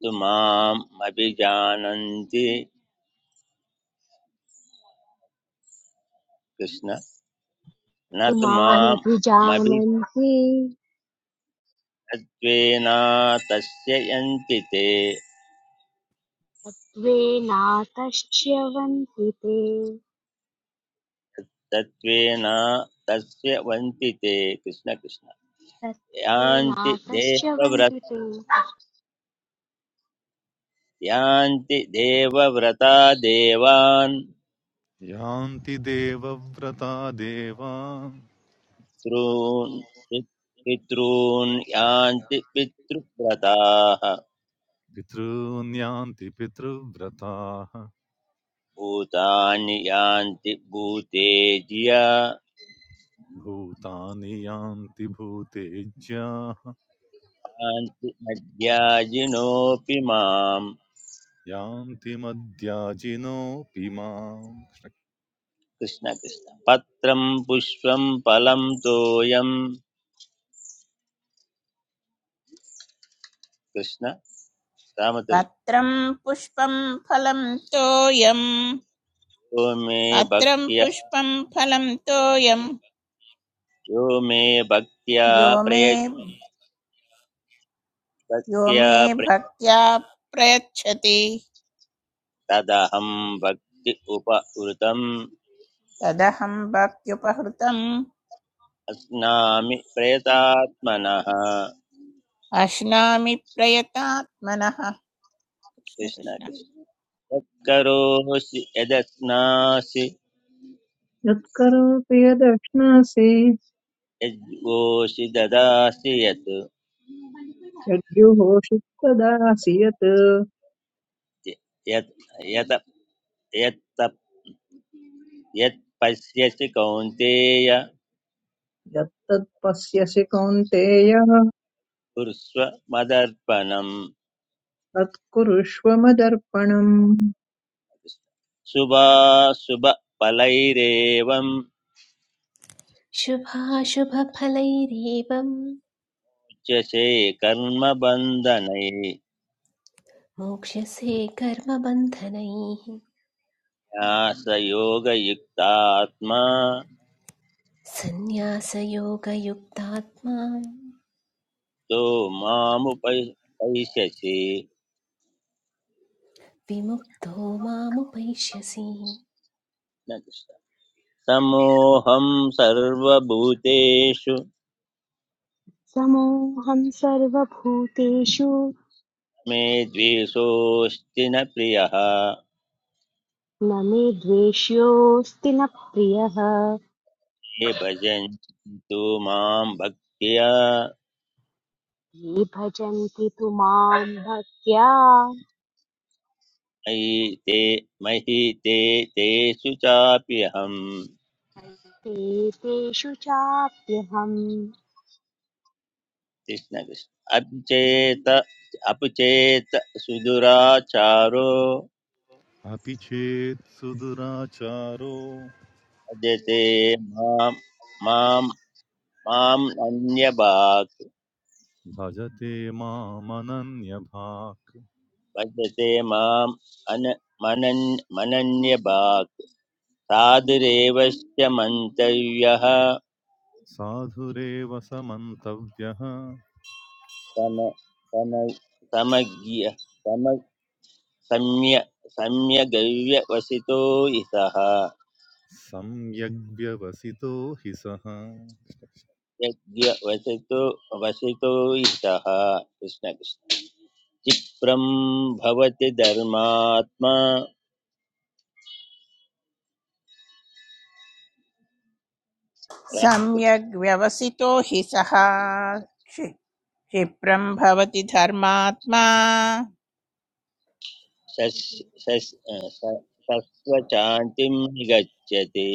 [SPEAKER 2] तु माम् अभिजानन्ति कृष्ण न
[SPEAKER 1] तु
[SPEAKER 2] तु
[SPEAKER 1] मामभिजानन्ति
[SPEAKER 2] मामभिज्ञत्वेन तस्य यन्ति ते
[SPEAKER 1] द्वे नातश्च्यवन्ति ते
[SPEAKER 2] तत्त्वेन तस्य वन्ति ते कृष्ण कृष्ण
[SPEAKER 1] तत् द्वे
[SPEAKER 2] यान्ति देवव्रत
[SPEAKER 1] नातश्च्यवन्ति ते
[SPEAKER 2] यान्ति देवव्रता देवान्
[SPEAKER 4] यान्ति देवव्रता देवा
[SPEAKER 2] पितॄन् पितॄन् यान्ति पितृव्रताः
[SPEAKER 4] पितॄन्यान्ति पितृव्रताः
[SPEAKER 2] भूतानि यान्ति भूतेज्या
[SPEAKER 4] भूतानि यान्ति भूतेज्याः
[SPEAKER 2] यान्ति मध्याजिनोऽपि माम्
[SPEAKER 4] यान्ति मद्याजिनोऽपि माम्
[SPEAKER 2] कृष्ण कृष्ण पत्रं पुष्पं फलं तोयं कृष्ण रामतल्
[SPEAKER 3] पत्रं पुष्पं फलं तोयं
[SPEAKER 2] यो मे
[SPEAKER 3] पत्रं
[SPEAKER 2] भक्त्या
[SPEAKER 3] पुष्पं फलं तोयं
[SPEAKER 2] यो मे भक्त्या
[SPEAKER 3] यो मे
[SPEAKER 2] प्रय
[SPEAKER 3] यो
[SPEAKER 2] भक्त्या
[SPEAKER 3] मे
[SPEAKER 2] प्रय
[SPEAKER 3] भक्त्या प्रयच्छति
[SPEAKER 2] तदहं भक्ति उप उरुतम्
[SPEAKER 3] तदहं भक्त्युपहृतम्
[SPEAKER 2] अस्नामि प्रयतात्मनः
[SPEAKER 3] अश्नामि प्रयतात्मनः कृष्ण
[SPEAKER 2] कृष्ण
[SPEAKER 3] कृष्ण
[SPEAKER 2] कृष्ण यत्करोषि यदस्नासि
[SPEAKER 5] यत्करोति यदश्नासि
[SPEAKER 2] यद्वोषि ददासि यत्
[SPEAKER 5] यद्युहोषि तदासि यत्
[SPEAKER 2] यत् यत् यत् यत्पश्यसि कौन्तेय
[SPEAKER 5] यत्तत्पश्यसि कौन्तेय
[SPEAKER 2] कुर्स्व मदर्पणम्
[SPEAKER 5] तत्कुरुष्व मदर्पणम्
[SPEAKER 2] शुभाशुभफलैरेवम्
[SPEAKER 6] शुभाशुभफलैरेवम्
[SPEAKER 2] उच्यसे कर्मबन्धनैः
[SPEAKER 6] मोक्ष्यसे कर्मबन्धनैः
[SPEAKER 2] न्यासयोगयुक्तात्मा
[SPEAKER 6] सन्न्यासयोगयुक्तात्मा
[SPEAKER 2] तो मामुपैष्यसि
[SPEAKER 6] विमुक्तो मामुपैष्यसि
[SPEAKER 2] न कृष्ण। समोऽहं सर्वभूतेषु
[SPEAKER 1] समोऽहं सर्वभूतेषु
[SPEAKER 2] मे द्वेषोऽस्ति न प्रियः
[SPEAKER 1] न मे द्वेष्योऽस्ति न प्रियः
[SPEAKER 2] ये भजन्तु मां भक्त्या
[SPEAKER 1] ये भजन्ति तु मां भक्त्या
[SPEAKER 2] मयि ते मयि ते तेषु चाप्यहम्
[SPEAKER 1] ते तेषु चाप्यहम्
[SPEAKER 2] कृष्णकृष्ण अचेत अपचेत सुदुराचारो
[SPEAKER 4] अपि चेत् सुदुराचारो
[SPEAKER 2] भजते मां मां मां अन्यभाक्
[SPEAKER 4] भजते मामनन्यभाक्
[SPEAKER 2] भजते माम् अन मनन् मनन्यभाक् साधुरेवश्च मन्तव्यः
[SPEAKER 4] साधुरेव समन्तव्यः
[SPEAKER 2] सम सम समज्ञ सम सम्य सम्यगव्यवसितो इतः
[SPEAKER 4] सम्यग्व्यवसितो हि सः
[SPEAKER 2] यज्ञवसितो वसितो इतः कृष्णकृष्ण क्षिप्रं भवति धर्मात्मा राहत-
[SPEAKER 3] सम्यग् व्यवसितो हि सः क्षि- क्षिप्रं भवति धर्मात्मा
[SPEAKER 2] शस्- शस्- स- सस्वशान्तिं गच्छति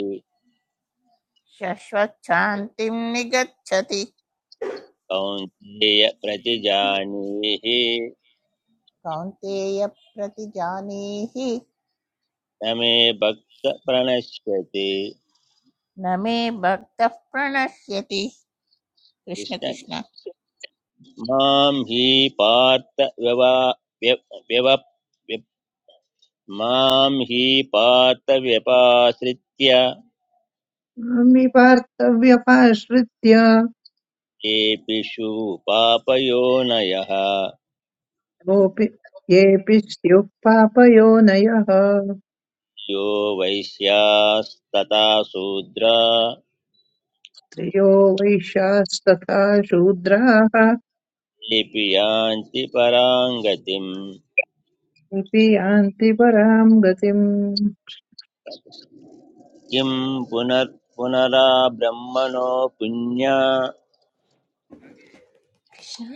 [SPEAKER 3] शश्वच्छान्तिं निगच्छति
[SPEAKER 2] कौन्तेय प्रतिजानीहि
[SPEAKER 3] कौन्तेय प्रतिजानीहि
[SPEAKER 2] न मे भक्त प्रणश्यति
[SPEAKER 3] न मे भक्तः प्रणश्यति कृष्ण
[SPEAKER 2] कृष्ण
[SPEAKER 3] कृष्ण
[SPEAKER 2] मां हि पार्थ व्यवा व्यव व्यव- मां हि पार्थ व्यपाश्रित्य
[SPEAKER 5] नाम्नि पार्थव्यपाश्रित्य
[SPEAKER 2] केऽपिषु पापयोनयः
[SPEAKER 5] कोऽपि येऽपि स्युः पापयोनयः
[SPEAKER 2] यो वैश्यास्तथा शूद्रा
[SPEAKER 5] स्त्रियो वैश्यास्तथा शूद्राः
[SPEAKER 2] केऽपि यान्ति परां गतिम्
[SPEAKER 5] इति यान्ति पराम् गतिम्
[SPEAKER 2] किं पुनर् पुनरा ब्रह्मणो पुण्या
[SPEAKER 6] कृष्ण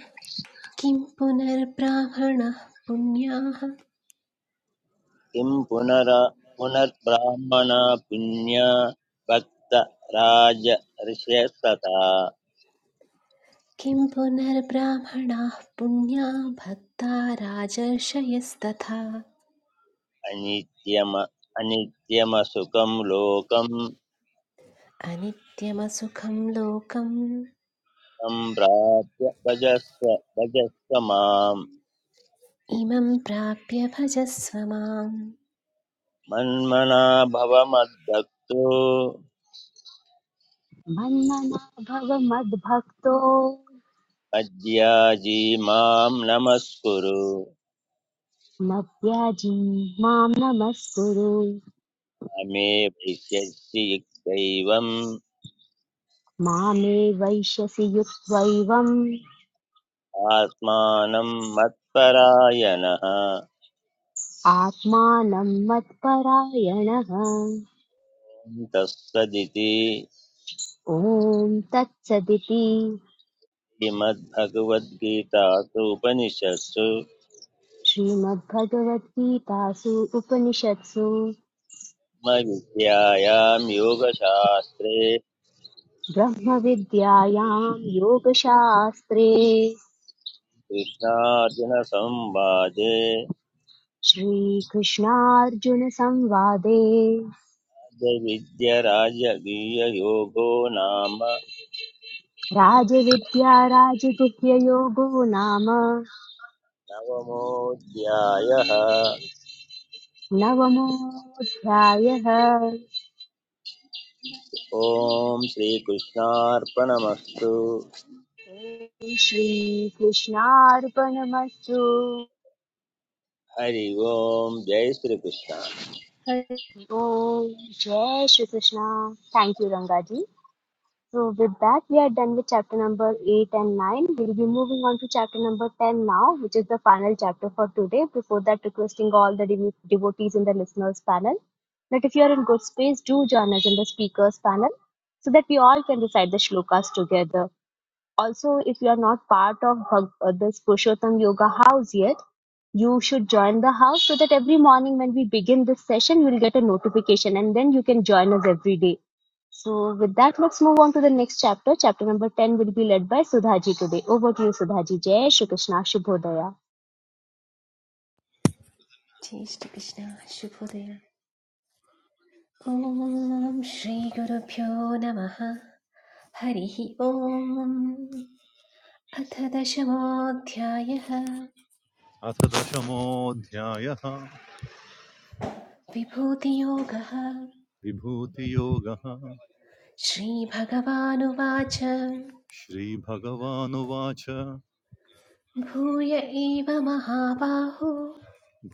[SPEAKER 6] किं पुनर्ब्राह्मणः पुण्याः
[SPEAKER 2] किं पुनर पुनर्ब्राह्मणा पुण्या भक्त राज ऋष्यस्तथा
[SPEAKER 6] किं पुनर्ब्राह्मणाः पुण्या भक्ता राजर्षयस्तथा
[SPEAKER 2] अनित्यम अनित्यमसुखं लोकं
[SPEAKER 6] अनित्यमसुखं लोकम्
[SPEAKER 2] सम्प्राप्य भजस्व भजस्व मां
[SPEAKER 6] इमं प्राप्य भजस्व मां
[SPEAKER 2] मन्मना भव मद्भक्तो
[SPEAKER 1] मन्मना भव मद्भक्तो
[SPEAKER 2] मद्याजी मां नमस्कुरु
[SPEAKER 1] मद्याजी मां नमस्कुरु
[SPEAKER 2] अमे भविष्यसि युक्तैवम्
[SPEAKER 1] मामे वैश्यसि युक्त्वैवम्
[SPEAKER 2] आत्मानं मत्परायणः
[SPEAKER 1] आत्मानं मत्परायणः
[SPEAKER 2] तत्सदिति
[SPEAKER 1] ॐ तत्सदिति
[SPEAKER 2] श्रीमद्भगवद्गीतासु उपनिषत्सु
[SPEAKER 1] श्रीमद्भगवद्गीतासु उपनिषत्सु
[SPEAKER 2] ब्रह्मविद्यायां योगशास्त्रे
[SPEAKER 1] ब्रह्मविद्यायां योगशास्त्रे
[SPEAKER 2] कृष्णार्जुनसंवादे
[SPEAKER 1] श्रीकृष्णार्जुनसंवादे
[SPEAKER 2] राजविद्यराजगीययोगो नाम
[SPEAKER 1] राजविद्या राजगुह्ययोगो नाम
[SPEAKER 2] नवमोऽध्यायः
[SPEAKER 1] नवमोऽध्यायः
[SPEAKER 2] ॐ श्रीकृष्णार्पणमस्तु
[SPEAKER 1] श्रीकृष्णार्पणमस्तु
[SPEAKER 2] हरि ओम् जय श्रीकृष्ण
[SPEAKER 1] ॐ जय Shrikrishna thank you Rangaji So with that, we are done with chapter number 8 and 9. We'll be moving on to chapter number 10 now, which is the final chapter for today. Before that, requesting all the devo- devotees in the listeners panel that if you are in good space, do join us in the speakers panel so that we all can recite the shlokas together. Also, if you are not part of Bhag- uh, this Purushottam Yoga house yet, you should join the house so that every morning when we begin this session, you will get a notification and then you can join us every day. So, with that, let's move on to the next chapter. Chapter number 10 will be led by Sudhaji today. Over to you, Sudhaji. Jai Shri Krishna Shubhodaya.
[SPEAKER 6] जय श्रीकृष्ण शुभोदय ॐ श्रीगुरुभ्यो नमः हरिः ॐ अथ दशमोऽध्यायः
[SPEAKER 4] अथ दशमोऽध्यायः
[SPEAKER 6] विभूतियोगः
[SPEAKER 4] विभूतियोगः
[SPEAKER 6] श्रीभगवानुवाच
[SPEAKER 4] श्रीभगवानुवाच
[SPEAKER 6] भूय एव महाबाहो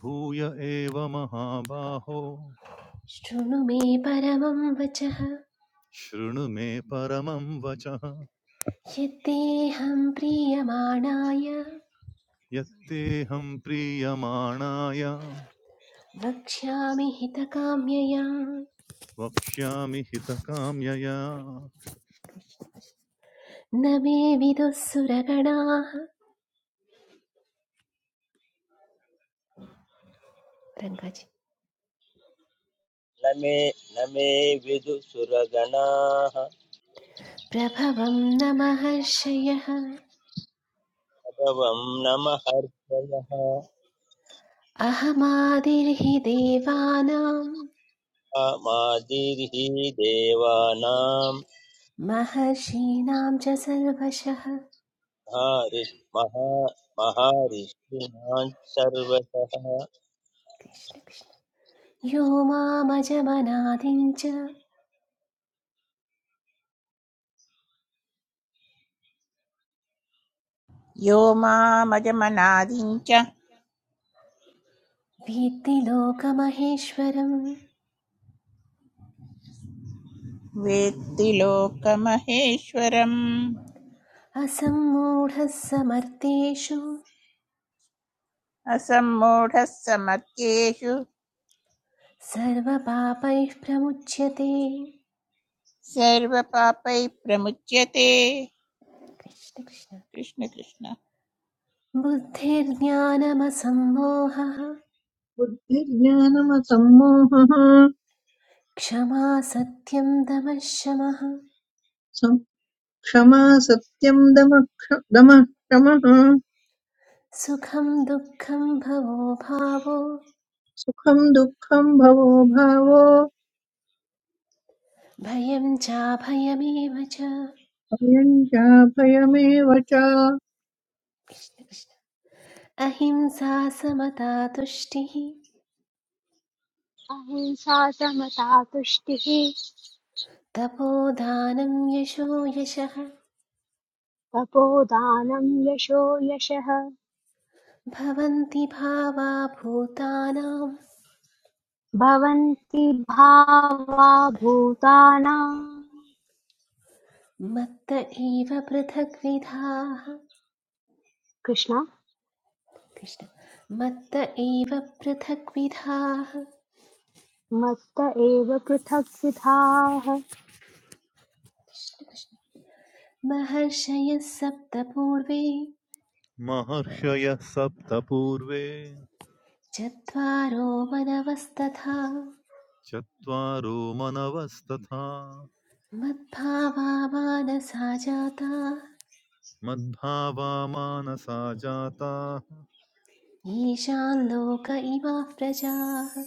[SPEAKER 4] भूय एव महाबाहो
[SPEAKER 6] शृणु मे परमं वचः
[SPEAKER 4] शृणु मे परमं वचः
[SPEAKER 6] यद्देहं प्रीयमाणाय
[SPEAKER 4] यत्तेऽहं प्रीयमाणाय
[SPEAKER 6] वक्ष्यामि हितकाम्यया न
[SPEAKER 4] वक्ष्यामि हितकाम्यया
[SPEAKER 6] मे विदुः सुरगणाः रङ्गाजी
[SPEAKER 2] न मे न मे विदुसुरगणाः
[SPEAKER 6] प्रभवं न महर्षयः
[SPEAKER 2] भगवं नमहर्षयः
[SPEAKER 6] अहमादिर्हि देवानाम्
[SPEAKER 2] मादिर्हि देवानां
[SPEAKER 6] महर्षीणां च सर्वशः
[SPEAKER 2] हरिः महा महर्षिणां सर्वतः
[SPEAKER 6] कृष्ण कृष्ण यो मामजमनादिं च
[SPEAKER 3] यो मामजमनादिञ्च
[SPEAKER 6] वीत्ति लोकमहेश्वरम्
[SPEAKER 3] वेत्ति लोकमहेश्वरम्
[SPEAKER 6] असम्मूढः समर्थेषु
[SPEAKER 3] असम्मूढः समत्येषु
[SPEAKER 6] सर्वपापैः प्रमुच्यते
[SPEAKER 3] सर्वपापैः प्रमुच्यते
[SPEAKER 6] कृष्ण कृष्ण
[SPEAKER 3] कृष्ण कृष्ण
[SPEAKER 6] बुद्धिर्ज्ञानमसम्मोहः
[SPEAKER 5] बुद्धिर्ज्ञानमसम्मोहः
[SPEAKER 6] क्षमा सत्यं दमः शमः
[SPEAKER 5] सं- क्षमा सत्यं दमः क्ष- दमः क्षमः
[SPEAKER 6] सुखं दुःखं भवो भावो
[SPEAKER 5] सुखं दुःखं भवो भावो
[SPEAKER 6] भयं चाभयमेव च कृष्ण
[SPEAKER 5] भयं चाभयमेव च
[SPEAKER 6] कृष्ण अहिंसा समता तुष्टिः
[SPEAKER 1] अहिंसा समता तुष्टिः
[SPEAKER 6] तपोदानं यशो यशः
[SPEAKER 1] तपोदानं यशो यशः
[SPEAKER 6] भवन्ति भावा भूतानां
[SPEAKER 1] भवन्ति भावा भूतानां
[SPEAKER 6] मत्त एव पृथग्विधाः
[SPEAKER 1] कृष्ण
[SPEAKER 6] कृष्ण मत्त एव पृथग्विधाः
[SPEAKER 1] मत्त एव पृथग्विधाः
[SPEAKER 6] कृष्ण कृष्ण महर्षयः सप्त पूर्वे
[SPEAKER 4] महर्षयः सप्त पूर्वे
[SPEAKER 6] चत्वारो मनवस्तथा
[SPEAKER 4] चत्वारो मनवस्तथा
[SPEAKER 6] मद्भावा मानसा जाता
[SPEAKER 4] मद्भावा मानसा जाताः
[SPEAKER 6] येषां लोक इमाः प्रजाः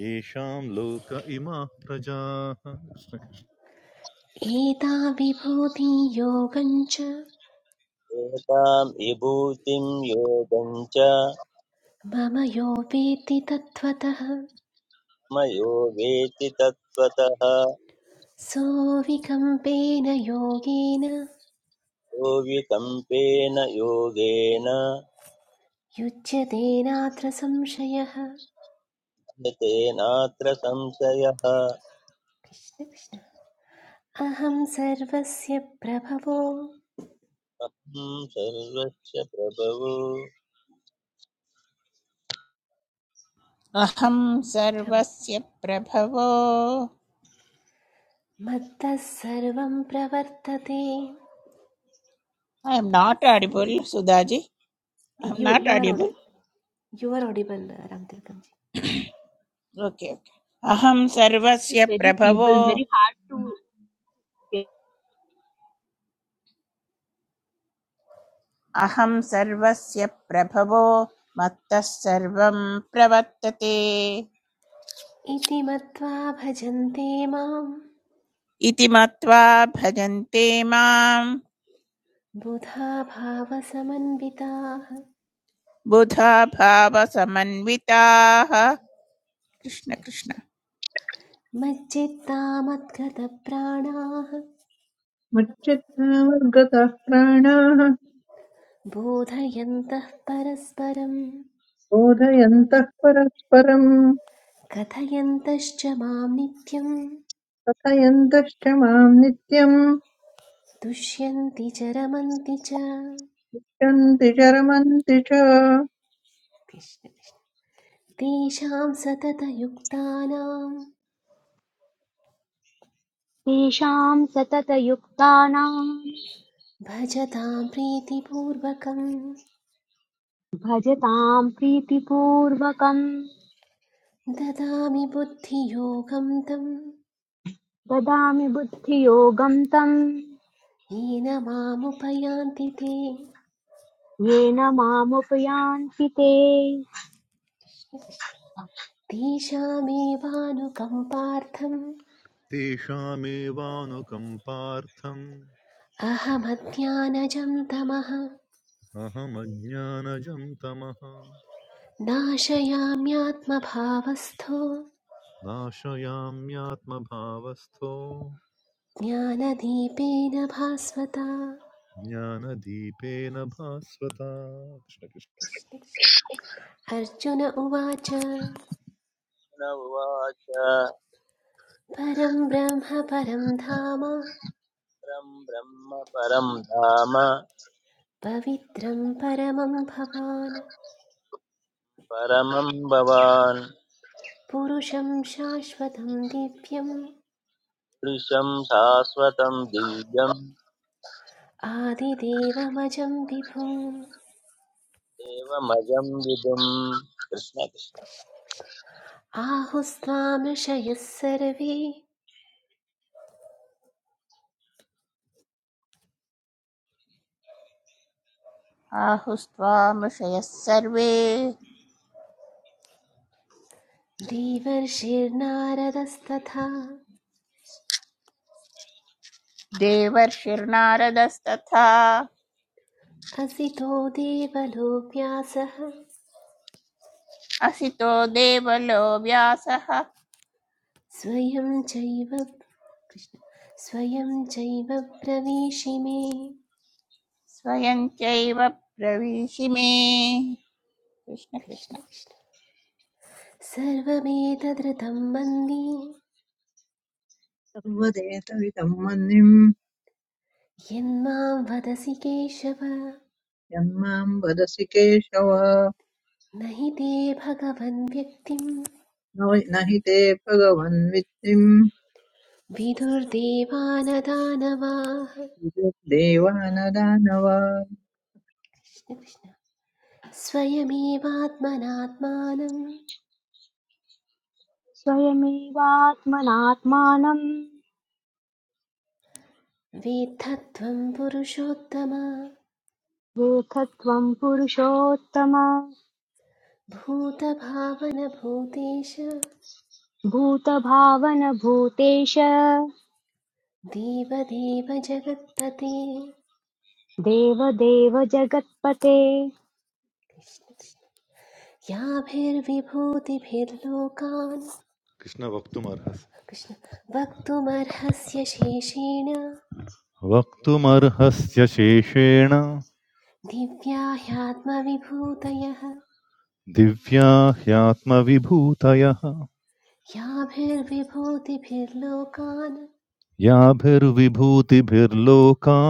[SPEAKER 4] येषां लोक इमाः प्रजाः
[SPEAKER 6] एता विभूति योगञ्च
[SPEAKER 2] एतां विभूतिं योगं च
[SPEAKER 6] मम यो वेत्ति तत्त्वतः
[SPEAKER 2] मयो वेति तत्त्वतः
[SPEAKER 6] सोऽविकम्पेन योगेन
[SPEAKER 2] यो विकम्पेन योगेन
[SPEAKER 6] युज्यतेनात्र संशयः
[SPEAKER 2] तेनात्र संशयः
[SPEAKER 6] कृष्ण कृष्ण अहं सर्वस्य प्रभवो
[SPEAKER 2] अहं सर्वस्य प्रभवो
[SPEAKER 3] अहं सर्वस्य प्रभवो
[SPEAKER 6] मत्तः सर्वं प्रवर्तते
[SPEAKER 3] I am not audible Sudhaji I am
[SPEAKER 6] you
[SPEAKER 3] not
[SPEAKER 6] you are ओडि
[SPEAKER 3] audible
[SPEAKER 6] you are audible Ramatilakji
[SPEAKER 3] okay okay अहं
[SPEAKER 1] The voice
[SPEAKER 3] सर्वस्य
[SPEAKER 1] is very
[SPEAKER 3] प्रभवो
[SPEAKER 1] feeble, very hard to get.
[SPEAKER 3] अहं सर्वस्य प्रभवो मत्तः सर्वं प्रवर्तते
[SPEAKER 6] इति मत्वा भजन्ते मां
[SPEAKER 3] इति मत्वा भजन्ते मां
[SPEAKER 6] बुधा भावसमन्विताः
[SPEAKER 3] बुधा भावसमन्विताः कृष्ण
[SPEAKER 6] कृष्ण
[SPEAKER 3] कृष्ण
[SPEAKER 6] कृष्ण मज्जित्ता मद्गतप्राणाः
[SPEAKER 5] मच्चित्तावद्गतः प्राणाः
[SPEAKER 6] बोधयन्तः परस्परं
[SPEAKER 5] बोधयन्तः परस्परं
[SPEAKER 6] कथयन्तश्च मां नित्यं
[SPEAKER 5] कथयन्तश्च मां नित्यं
[SPEAKER 6] तुष्यन्ति च रमन्ति च
[SPEAKER 5] शन्ति च रमन्ति च
[SPEAKER 6] तेषां सततयुक्तानां
[SPEAKER 1] तेषाम् सततयुक्तानाम्
[SPEAKER 6] भजतां प्रीतिपूर्वकं
[SPEAKER 1] भजताम् प्रीतिपूर्वकम्
[SPEAKER 6] ददामि बुद्धियोगं तं
[SPEAKER 1] ददामि बुद्धियोगम् तम्
[SPEAKER 6] येन मामुपयान्ति ते
[SPEAKER 1] येन मामुपयान्ति ते
[SPEAKER 6] तेषामेवानुकम्पार्थम्
[SPEAKER 4] तेषामेवानुकम्पार्थम्
[SPEAKER 6] अहमज्ञानजं तमः
[SPEAKER 4] अहमज्ञानजं तमः
[SPEAKER 6] नाशयाम्यात्मभावस्थो
[SPEAKER 4] नाशयाम्यात्मभावस्थो
[SPEAKER 6] ज्ञानदीपेन भास्वता
[SPEAKER 4] ज्ञानदीपेन भास्वता कृष्ण कृष्ण
[SPEAKER 6] कृष्ण कृष्ण। अर्जुन उवाच
[SPEAKER 2] न उवाच
[SPEAKER 6] परं ब्रह्म परं धाम
[SPEAKER 2] परं ब्रह्म परं धाम
[SPEAKER 6] पवित्रं परमं भवान्
[SPEAKER 2] परमं भवान्
[SPEAKER 6] पुरुषं शाश्वतं दिव्यम्
[SPEAKER 2] दृशं शाश्वतं दिव्यं
[SPEAKER 6] आदिदेवमजं विभुम्
[SPEAKER 2] एवमजं विदुं कृष्णकृष्ण
[SPEAKER 6] आहुस्त्वामृषयः सर्वे
[SPEAKER 3] आहुस्त्वामृषयः सर्वे
[SPEAKER 6] देवर्षिर्नारदस्तथा
[SPEAKER 3] देवर्षिर्नारदस्तथा
[SPEAKER 6] असितो देवलोक्यासः
[SPEAKER 3] असितो देवलो व्यासः
[SPEAKER 6] स्वयं चैव कृष्ण स्वयं चैव प्रवेशिमे
[SPEAKER 3] स्वयं चैव प्रविशिमे कृष्ण
[SPEAKER 6] कृष्ण
[SPEAKER 3] कृष्ण
[SPEAKER 6] कृष्ण सर्वमेतदृतं मन्ये
[SPEAKER 5] सर्वदेतविदं मन्निं
[SPEAKER 6] यन्मां वदसि केशव
[SPEAKER 5] यन्मां वदसि केशव
[SPEAKER 6] न हि ते भगवन् व्यक्तिं
[SPEAKER 5] न वै- न हि ते भगवन्मित्रिम्
[SPEAKER 6] विदुर्देवानदानवाः कृष्ण
[SPEAKER 5] देवानदानव
[SPEAKER 6] कृष्ण। स्वयमेवात्मनात्मानं
[SPEAKER 1] स्वयमेवात्मनात्मानम्
[SPEAKER 6] वेत्थत्वं पुरुषोत्तम
[SPEAKER 1] वेथत्वम् पुरुषोत्तम
[SPEAKER 6] भूतभावनभूतेश
[SPEAKER 1] भूतभावन भूतेश
[SPEAKER 6] देवदेव जगत्पते
[SPEAKER 1] देव देव जगत्पते
[SPEAKER 6] याभिर्विभूतिभिर्लोकान्
[SPEAKER 4] कृष्ण वक्तुमर्हसि
[SPEAKER 6] कृष्ण वक्तुमर्हस्य शेषेण
[SPEAKER 4] वक्तुमर्हस्य शेषेण
[SPEAKER 6] दिव्या ह्यात्मविभूतयः
[SPEAKER 4] दिव्या ह्यात्मविभूतयः
[SPEAKER 6] याभिर्विभूतिभिर्लोकान्
[SPEAKER 4] याभिर्विभूतिभिर्लोका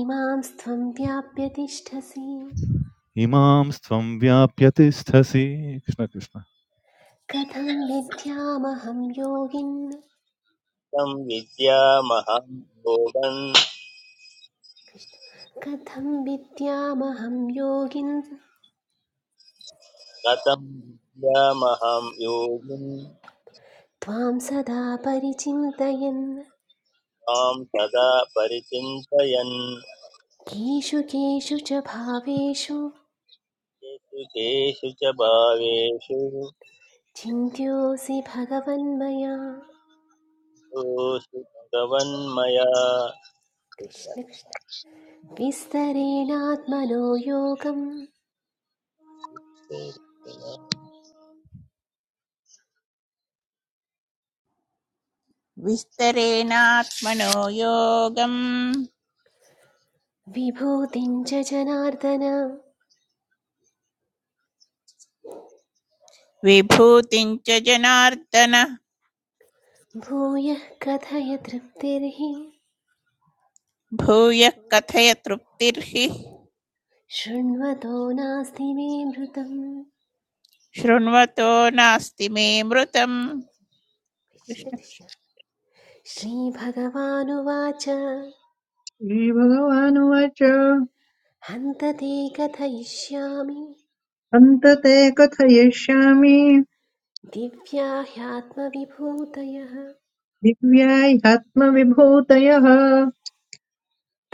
[SPEAKER 6] इमां त्वं व्याप्य तिष्ठसि
[SPEAKER 4] इमां त्वं व्याप्य तिष्ठसि कृष्णकृष्ण
[SPEAKER 6] कथं विद्यामहं योगिन्
[SPEAKER 2] कथं विद्यामहं योगन्
[SPEAKER 6] कथं विद्यामहं योगिन्
[SPEAKER 2] कथं विद्यामहं योगिन्
[SPEAKER 6] त्वां सदा परिचिन्तयन्
[SPEAKER 2] मां सदा परिचिन्तयन्
[SPEAKER 6] केषु केषु च भावेषु
[SPEAKER 2] केषु केषु च भावेषु
[SPEAKER 6] चिन्त्योऽसि भगवन्मया
[SPEAKER 2] दोषु भगवन्मया कृष्ण
[SPEAKER 6] कृष्ण
[SPEAKER 2] कृष्ण।
[SPEAKER 6] कृष्ण विस्तरेणात्मनो योगं
[SPEAKER 3] विस्तरेणात्मनो योगम्
[SPEAKER 6] विभूतिं च जनार्दन
[SPEAKER 3] विभूतिं च जनार्दन
[SPEAKER 6] भूयः कथय तृप्तिर्हि
[SPEAKER 3] भूयः कथय तृप्तिर्हि
[SPEAKER 6] शृण्वतो नास्ति मे मृतम्
[SPEAKER 3] शृण्वतो नास्ति मे मृतम्
[SPEAKER 6] कृष्ण
[SPEAKER 3] कृष्ण
[SPEAKER 6] कृष्ण
[SPEAKER 3] कृष्ण।
[SPEAKER 6] श्रीभगवानुवाच
[SPEAKER 5] श्रीभगवानुवाच
[SPEAKER 6] हन्त ते कथयिष्यामि
[SPEAKER 5] अन्त ते कथयिष्यामि
[SPEAKER 6] दिव्या ह्यात्मविभूतयः
[SPEAKER 5] दिव्याह्यात्मविभूतयः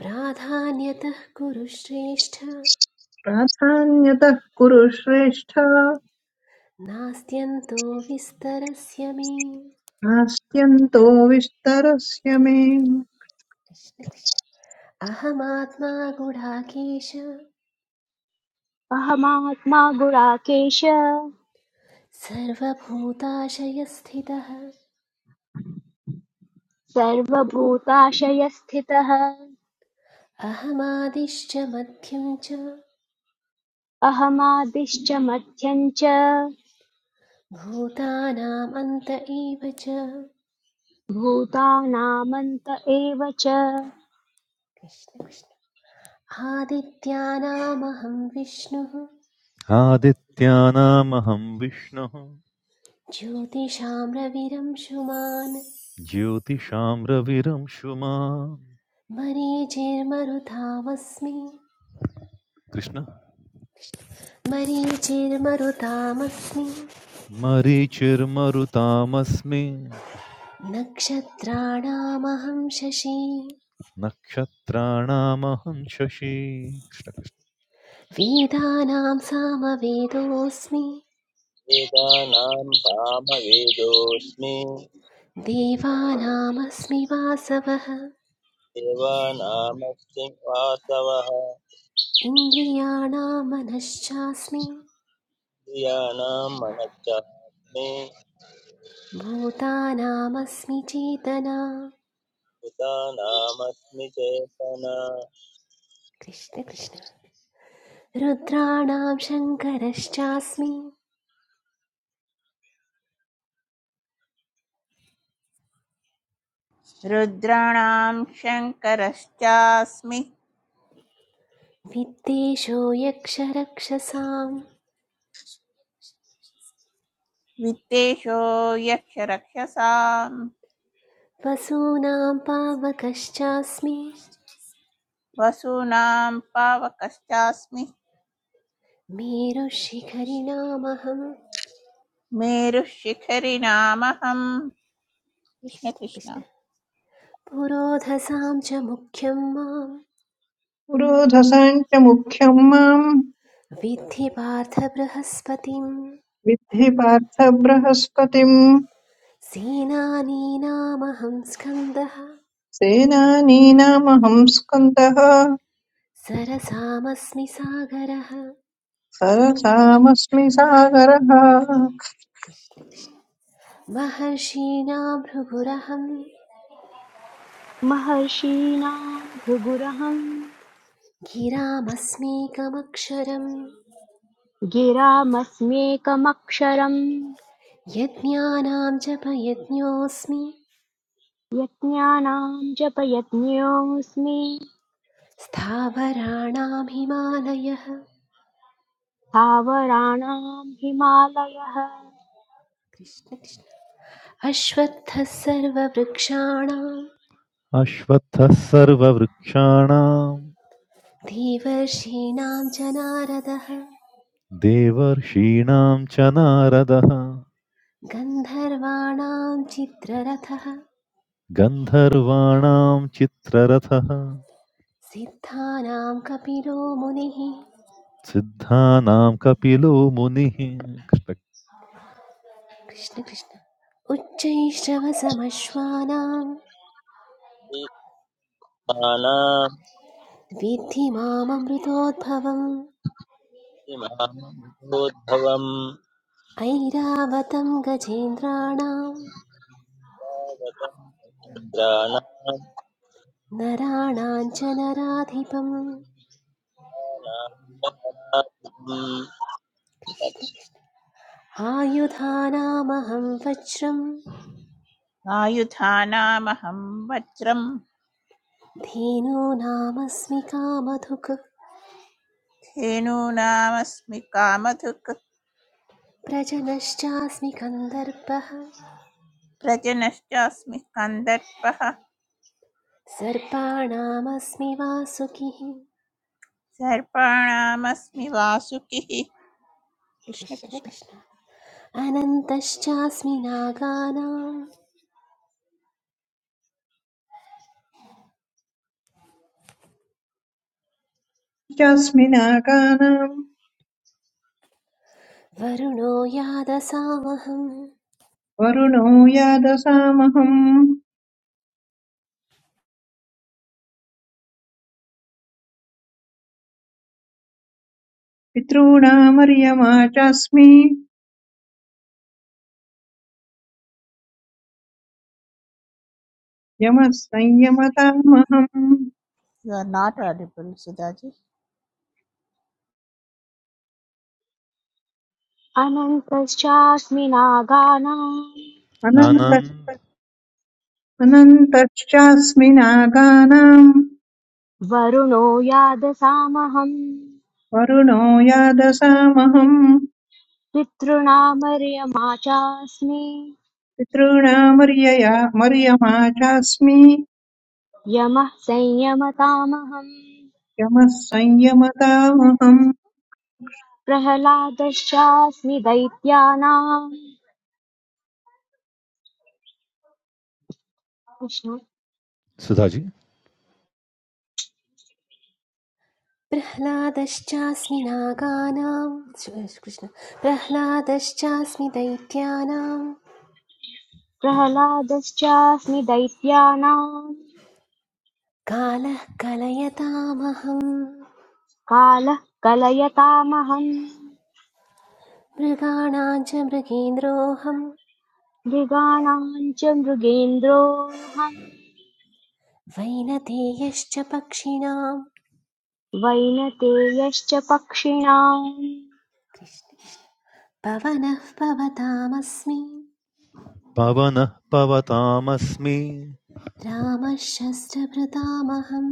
[SPEAKER 6] प्राधान्यतः कुरु श्रेष्ठ
[SPEAKER 5] प्राधान्यतः कुरु श्रेष्ठ
[SPEAKER 6] नास्त्यन्तो विस्तरस्य मे
[SPEAKER 5] नास्त्यन्तो विस्तरस्य मे
[SPEAKER 6] कृष्ण कृष्ण। अहमात्मा गुडाकेश
[SPEAKER 1] अहमात्मा गुडाकेश
[SPEAKER 6] सर्वभूताशयस्थितः
[SPEAKER 1] सर्वभूताशयस्थितः
[SPEAKER 6] अहमादिश्च मध्यं च
[SPEAKER 1] अहमादिश्च मध्यम् च
[SPEAKER 6] भूतानाम् अन्त एव च
[SPEAKER 1] भूतानामन्त एव च
[SPEAKER 6] कृष्ण कृष्ण। आदित्यानामहं विष्णुः
[SPEAKER 4] आदित्यानामहं विष्णुः
[SPEAKER 6] ज्योतिषां रविरंशुमान्
[SPEAKER 4] ज्योतिषां रविरंशु मां
[SPEAKER 6] मरीचिर्मरुतामस्मि
[SPEAKER 4] कृष्ण
[SPEAKER 6] मरीचिर्मरुतामस्मि
[SPEAKER 4] मरीचिर्मरुतामस्मि
[SPEAKER 6] नक्षत्राणामहं शशी
[SPEAKER 4] नक्षत्राणामहं शशी कृष्ण,
[SPEAKER 6] वेदानां सामवेदोऽस्मि
[SPEAKER 2] वेदानां कामवेदोऽस्मि
[SPEAKER 6] देवानामस्मि वासवः
[SPEAKER 2] देवानामस्ति वासवः
[SPEAKER 6] इन्द्रियाणां मनश्चास्मि
[SPEAKER 2] क्रियाणां मनश्चात्मे
[SPEAKER 6] भूतानामस्मि चेतना
[SPEAKER 2] भूतानामस्मि चेतना
[SPEAKER 6] कृष्ण कृष्ण रुद्राणां शङ्करश्चास्मि
[SPEAKER 3] रुद्राणां शङ्करश्चास्मि
[SPEAKER 6] वित्तेषो यक्षरक्षसाम्
[SPEAKER 3] वित्तेषो यक्षरक्षसाम्
[SPEAKER 6] वसूनां पावकश्चास्मि
[SPEAKER 3] वसूनां पावकश्चास्मि
[SPEAKER 6] मेरुशिखरिणामहं
[SPEAKER 3] मेरुशिखरिणामहम्
[SPEAKER 6] कृष्ण
[SPEAKER 3] कृष्णकृष्ण
[SPEAKER 6] कृष्ण पुरोधसां च मुख्यं मां
[SPEAKER 5] पुरोधसाञ्च मुख्यम् माम्
[SPEAKER 6] विद्धि पार्थ बृहस्पतिं
[SPEAKER 5] विद्धि पार्थ बृहस्पतिम्
[SPEAKER 6] सेनानीनामहं स्कन्दः
[SPEAKER 5] सेनानीनामहं स्कन्दः
[SPEAKER 6] सरसामस्मि सागरः
[SPEAKER 5] सरसामस्मि सागरः
[SPEAKER 6] कृष्ण कृष्ण महर्षीणां भृगुरहं
[SPEAKER 1] महर्षीणाम् भृगुरहम्
[SPEAKER 6] गिरामस्मीकमक्षरं
[SPEAKER 1] गिरामस्म्येकमक्षरम्
[SPEAKER 6] यज्ञानां जपयज्ञोऽस्मि
[SPEAKER 1] यज्ञानाम् जपयज्ञोऽस्मि
[SPEAKER 6] स्थावराणां हिमालयः
[SPEAKER 1] स्थावराणाम् हिमालयः
[SPEAKER 6] कृष्ण कृष्ण। अश्वत्थः सर्ववृक्षाणां
[SPEAKER 4] कृष्ण। अश्वत्थः सर्ववृक्षाणां
[SPEAKER 6] देवर्षीणां च नारदः
[SPEAKER 4] देवर्षीणां च नारदः
[SPEAKER 6] गन्धर्वाणां चित्ररथः
[SPEAKER 4] गन्धर्वाणां चित्ररथः
[SPEAKER 6] सिद्धानां कपिलो मुनिः
[SPEAKER 4] सिद्धानां कपिलो मुनिः कृष्ण-
[SPEAKER 6] कृष्णकृष्ण उच्चैश्रवसमश्वानां विद्धि मामृतोद्भवम्
[SPEAKER 2] मानामिमामभूद्भवम्
[SPEAKER 6] ऐरावतं गजेन्द्राणां
[SPEAKER 2] तावतम् इन्द्राणाम्
[SPEAKER 6] नराणां च नराधिपम् कृष्ण कृष्ण आयुधानामहं वज्रं
[SPEAKER 3] आयुधानामहं वज्रं
[SPEAKER 6] धेनो नामस्मि कामधुक्
[SPEAKER 3] धेनूनामस्मि कामधुक्
[SPEAKER 6] प्रजनश्चास्मि कन्दर्पः
[SPEAKER 3] व्रजनश्चास्मि कन्दर्पः
[SPEAKER 6] सर्पाणामस्मि वासुकिः
[SPEAKER 3] सर्पाणामस्मि वासुकिः कृष्ण
[SPEAKER 6] कृष्ण
[SPEAKER 3] कृष्ण
[SPEAKER 6] कृष्ण अनन्तश्चास्मि नागानां
[SPEAKER 5] चास्मिनाकानाम्
[SPEAKER 6] वरुणो यादसामहं
[SPEAKER 5] वरुणो यादसामहम् पितॄणामर्यमा चास्मि यमः संयमतामहम्
[SPEAKER 3] you are not audible Sudhaji
[SPEAKER 1] अनन्तश्चास्मि नागानाम्
[SPEAKER 4] आन्-
[SPEAKER 5] अनन्त अनन्तश्चास्मि नागानाम्
[SPEAKER 1] वरुणो यादसामहम्
[SPEAKER 5] वरुणो यादसामहम्
[SPEAKER 1] पितॄणामर्यमा चास्मि
[SPEAKER 5] पितॄणामर्यया मर्यमा चास्मि
[SPEAKER 1] यमः संयमतामहम्
[SPEAKER 5] यमः संयमतामहम्
[SPEAKER 1] प्रह्लादश्चास्मि दैत्यानाम् कृष्ण
[SPEAKER 4] सुधाजी
[SPEAKER 6] प्रह्लादश्चास्मि नागानां कृष्ण प्रह्लादश्चास्मि दैत्यानां
[SPEAKER 1] प्रह्लादश्चास्मि दैत्यानाम्
[SPEAKER 6] कालः कलयतामहम्
[SPEAKER 1] कालः कलयतामहम्
[SPEAKER 6] मृगाणां च मृगेन्द्रोऽहं
[SPEAKER 1] मृगाणाम् च मृगेन्द्रोऽहम्
[SPEAKER 6] वैनतेयश्च पक्षिणां
[SPEAKER 1] वैनतेयश्च पक्षिणाम्
[SPEAKER 6] पवनः पवतामस्मि
[SPEAKER 4] पवनः पवतामस्मि
[SPEAKER 6] रामः शस्त्रभृतामहम्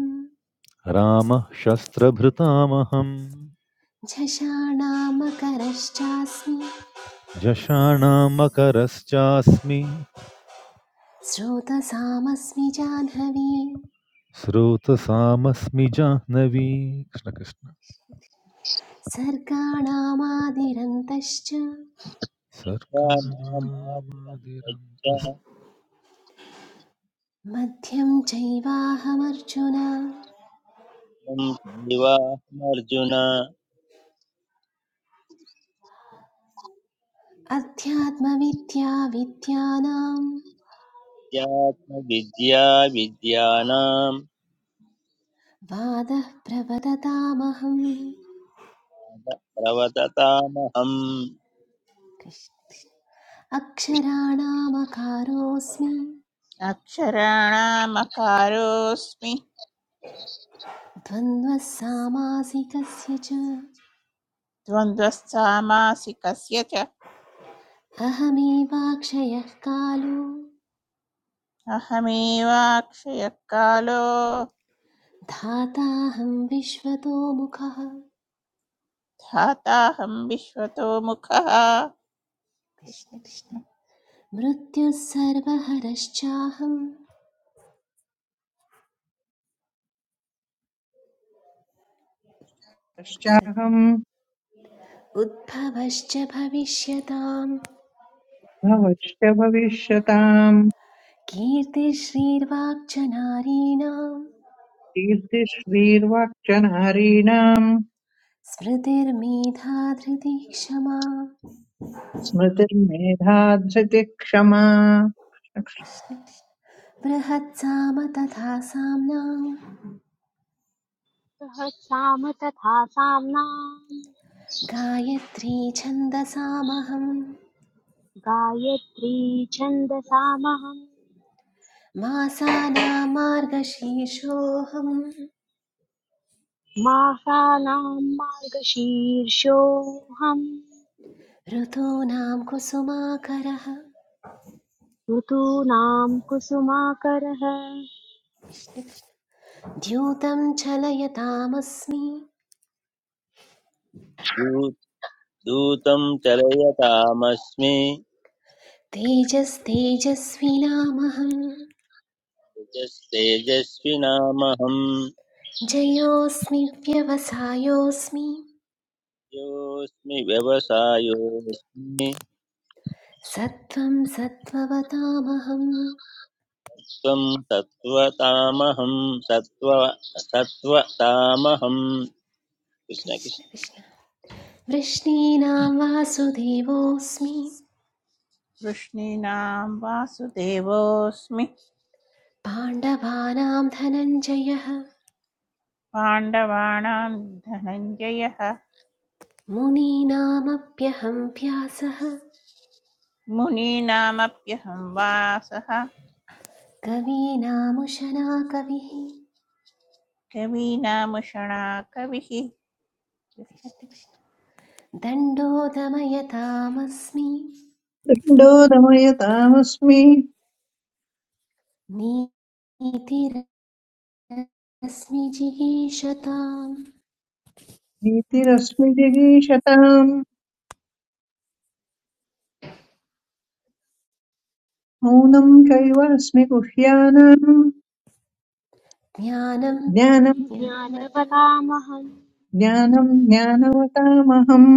[SPEAKER 4] रामः शस्त्रभृतामहम्
[SPEAKER 6] झषाणामकरश्चास्मि
[SPEAKER 4] जषाणां मकरश्चास्मि
[SPEAKER 6] स्रोतसामस्मि जाह्नवी
[SPEAKER 4] स्रोतसामस्मि जाह्नवी कृष्णकृष्ण
[SPEAKER 6] सर्गाणामादिरन्तश्च
[SPEAKER 4] सर्गाणामादिरन्तः
[SPEAKER 6] मध्यं चैवाहमर्जुन
[SPEAKER 2] जीवाहमर्जुन
[SPEAKER 6] अध्यात्मविद्या विद्यानाम्
[SPEAKER 2] अध्यात्मविद्या विद्यानाम्
[SPEAKER 6] वादः प्रवदतामहं।
[SPEAKER 2] प्रवततामहम्
[SPEAKER 6] कृष्ण अक्षराणामकारोऽस्मि
[SPEAKER 3] अक्षराणामकारोऽस्मि
[SPEAKER 6] द्वन्द्वः सामासिकस्य च
[SPEAKER 3] द्वन्द्वस्सामासिकस्य च
[SPEAKER 6] अहमेवाक्षयः कालो
[SPEAKER 3] अहमेवाक्षयः कालो
[SPEAKER 6] धाताहं विश्वतो मुखः
[SPEAKER 3] धाताहं विश्वतो मुखः कृष्ण
[SPEAKER 6] कृष्ण
[SPEAKER 3] कृष्ण
[SPEAKER 6] मृत्युः सर्वहरश्चाहं सत्
[SPEAKER 5] तश्चाहम्
[SPEAKER 6] उद्भवश्च भविष्यताम्
[SPEAKER 5] भवश्च भविष्यताम्
[SPEAKER 6] कीर्तिश्रीर्वाक्च नारीणाम्
[SPEAKER 5] कीर्तिश्रीर्वाक्चन हरीणाम्
[SPEAKER 6] स्मृतिर्मेधा धृतिः क्षमा
[SPEAKER 5] स्मृतिर्मेधा धृतिः क्षमा
[SPEAKER 6] कृष्ण कृष्ण। बृहत्साम तथा साम्नां
[SPEAKER 1] सहस्राम तथा साम्नाम्
[SPEAKER 6] गायत्री छन्दसामहं
[SPEAKER 1] गायत्री छन्दसामहम्
[SPEAKER 6] मासानां मार्गशीर्षोऽहं
[SPEAKER 1] मासानां मार्गशीर्षोऽहम्
[SPEAKER 6] ऋतूनां कुसुमाकरः
[SPEAKER 1] ऋतूनां कुसुमाकरः अलं
[SPEAKER 6] द्यूतं चलयतामस्मि
[SPEAKER 2] दूतं चलयतामस्मि
[SPEAKER 6] तेजस्तेजस्विनामहं
[SPEAKER 2] तेजस् तेजस्विनामहं
[SPEAKER 6] जयोऽस्मि व्यवसायोऽस्मि
[SPEAKER 2] योऽस्मि व्यवसायोऽस्मि
[SPEAKER 6] सत्त्वं सत्त्ववतामहं
[SPEAKER 2] त्वं सत्त्वतामहं सत्त्व सत्त्वतामहं कृष्ण
[SPEAKER 6] कृष्ण
[SPEAKER 2] कृष्ण
[SPEAKER 6] कृष्ण वृष्णीनां वासुदेवोऽस्मि
[SPEAKER 3] वृष्णीनां वासुदेवोऽस्मि
[SPEAKER 6] पाण्डवानां धनञ्जयः
[SPEAKER 3] पाण्डवानां धनञ्जयः
[SPEAKER 6] मुनीनामप्यहं व्यासः
[SPEAKER 3] मुनीनामप्यहं वासः
[SPEAKER 6] कवीनामुशना कविः
[SPEAKER 3] कवीनामुषणा कविः
[SPEAKER 6] कृष्ण, कृष्ण। दण्डोदमयतामस्मि
[SPEAKER 5] दण्डो दमयतामस्मि
[SPEAKER 6] नीतिरस्मि जिगीषताम्
[SPEAKER 5] नीतिरस्मि जिगीषताम् मौनम् चैवास्मि गुह्यानाम्
[SPEAKER 6] ज्ञानं
[SPEAKER 5] ज्ञानम्
[SPEAKER 6] ज्ञानवतां
[SPEAKER 1] ज्ञानवतामहम्
[SPEAKER 5] ज्ञानम् ज्ञानवतामहम्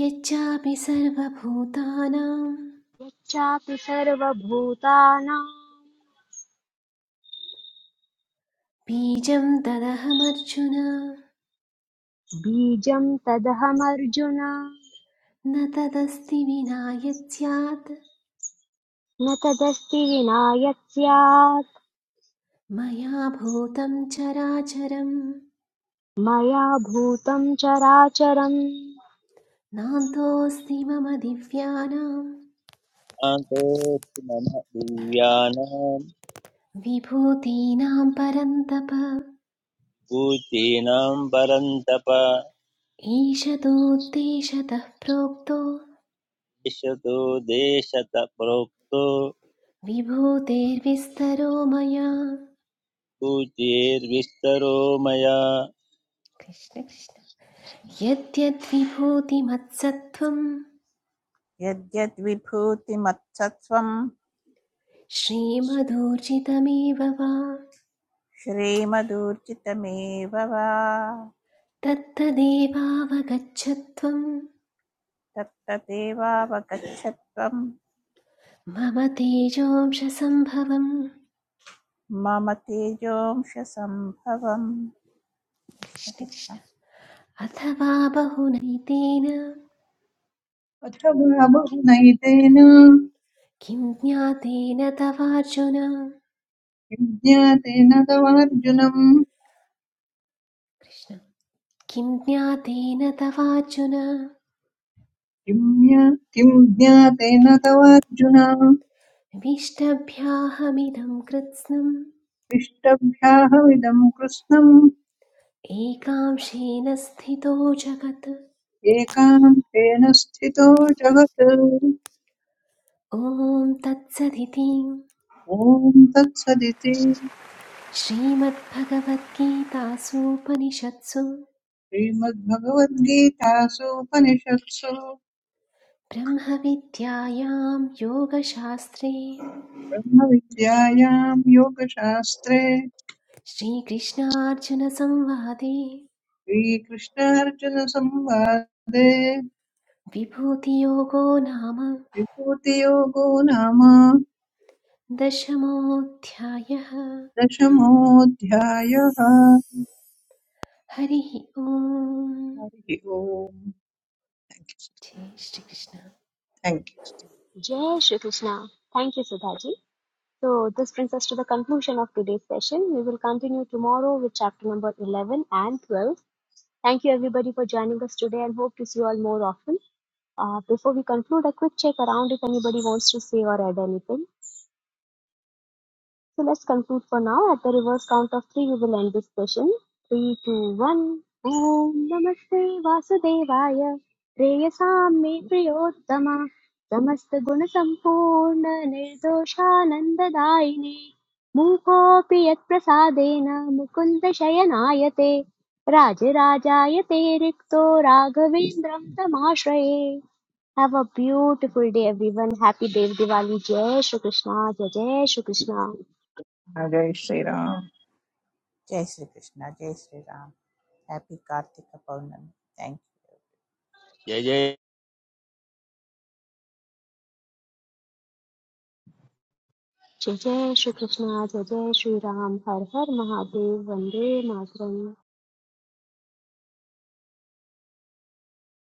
[SPEAKER 6] यच्चापि सर्वभूतानां
[SPEAKER 1] यच्चापि सर्वभूतानां
[SPEAKER 6] बीजं तदहमर्जुन
[SPEAKER 1] बीजं तदहमर्जुन न
[SPEAKER 6] न तदस्ति विना यत् स्यात्
[SPEAKER 1] तदस्ति विना यत् स्यात्
[SPEAKER 6] मया भूतं चराचरं
[SPEAKER 1] मया भूतं चराचरम्
[SPEAKER 6] नान्तोऽस्ति मम दिव्यानां
[SPEAKER 2] शान्तोऽस्मि मम दिव्यानां
[SPEAKER 6] विभूतीनां परन्तप
[SPEAKER 2] भूतीनां परन्तप
[SPEAKER 6] ईशदुद्देशतः प्रोक्तो
[SPEAKER 2] दिशतो देशत प्रोक्तो
[SPEAKER 6] विभूतेर्विस्तरो मया
[SPEAKER 2] भूतेर्विस्तरो मया
[SPEAKER 6] कृष्ण कृष्ण यद्यद्विभूतिमत्सत्त्वं
[SPEAKER 3] यद्यद्विभूतिमत्सत्स्वं
[SPEAKER 6] श्रीमदूर्जितमेव वा
[SPEAKER 3] श्रीमदूर्जितमेव वा
[SPEAKER 6] तत्तदेवावगच्छत्वं
[SPEAKER 3] तत्तदेवावगच्छत्वं
[SPEAKER 6] मम तेजोंशसम्भवम्
[SPEAKER 3] मम तेजोंशसम्भवम् कृष्ण
[SPEAKER 6] कृष्ण
[SPEAKER 3] कृष्ण
[SPEAKER 6] कृष्ण अथवा बहुनैतेन
[SPEAKER 5] अथ वा बहुनैतेन
[SPEAKER 6] किं ज्ञातेन तवार्जुन
[SPEAKER 5] किं ज्ञातेन तवार्जुनम्
[SPEAKER 6] कृष्ण किं ज्ञातेन तवार्जुन
[SPEAKER 5] किं ज्ञा- किं ज्ञातेन तवार्जुन
[SPEAKER 6] विष्टभ्याहमिदं कृत्स्नम्
[SPEAKER 5] इष्टभ्याहमिदं कृत्स्नम्
[SPEAKER 6] एकांशेन स्थितो जगत्
[SPEAKER 5] एकान्तेन स्थितो जगत्
[SPEAKER 6] ॐ तत्सदिति
[SPEAKER 5] ॐ तत्सदिति
[SPEAKER 6] श्रीमद्भगवद्गीतासूपनिषत्सु
[SPEAKER 5] श्रीमद्भगवद्गीतासूपनिषत्सु
[SPEAKER 6] ब्रह्मविद्यायां योगशास्त्रे
[SPEAKER 5] ब्रह्मविद्यायां योगशास्त्रे
[SPEAKER 6] श्रीकृष्णार्जुनसंवादे
[SPEAKER 5] श्रीकृष्णार्जुनसंवादे
[SPEAKER 6] विभूतियोगो नाम
[SPEAKER 5] विभूतियोगो नाम
[SPEAKER 6] दशमोऽध्यायः
[SPEAKER 5] दशमोऽध्यायः
[SPEAKER 6] हरिः ओम्
[SPEAKER 5] हरिः ओम् थैंक यू
[SPEAKER 6] जय श्रीकृष्ण
[SPEAKER 5] थैंक यू
[SPEAKER 1] जय Shrikrishna thank you Sudha ji. So, this brings us to the conclusion of today's session. We will continue tomorrow with chapter number 11 and 12. Thank you, everybody, for joining us today and hope to see you all more often. Uh, before we conclude, a quick check around if anybody wants to say or add anything. So let's conclude for now. At the reverse count of three, we will end this session. Three, two, one. Om Namaste Vasudevaya. Preyasam me Priyottama. Samasta Guna Sampurna Nirdoshananda Daini. Mukopi Yat Prasadena Mukunda Shayanayate. Rajarajayate Rikto Raghavendram Tamashraye. Have a beautiful day, everyone. Happy Dev Diwali. Jai Shri Krishna. Jai Jai Shri Krishna.
[SPEAKER 5] जय श्रीराम
[SPEAKER 3] जय श्री कृष्ण जय Shri Ram happy Kartik Paurnami thank you
[SPEAKER 2] जय जय
[SPEAKER 1] जय जय श्री कृष्णा जय जय श्री राम हर हर महादेव वंदे मातरम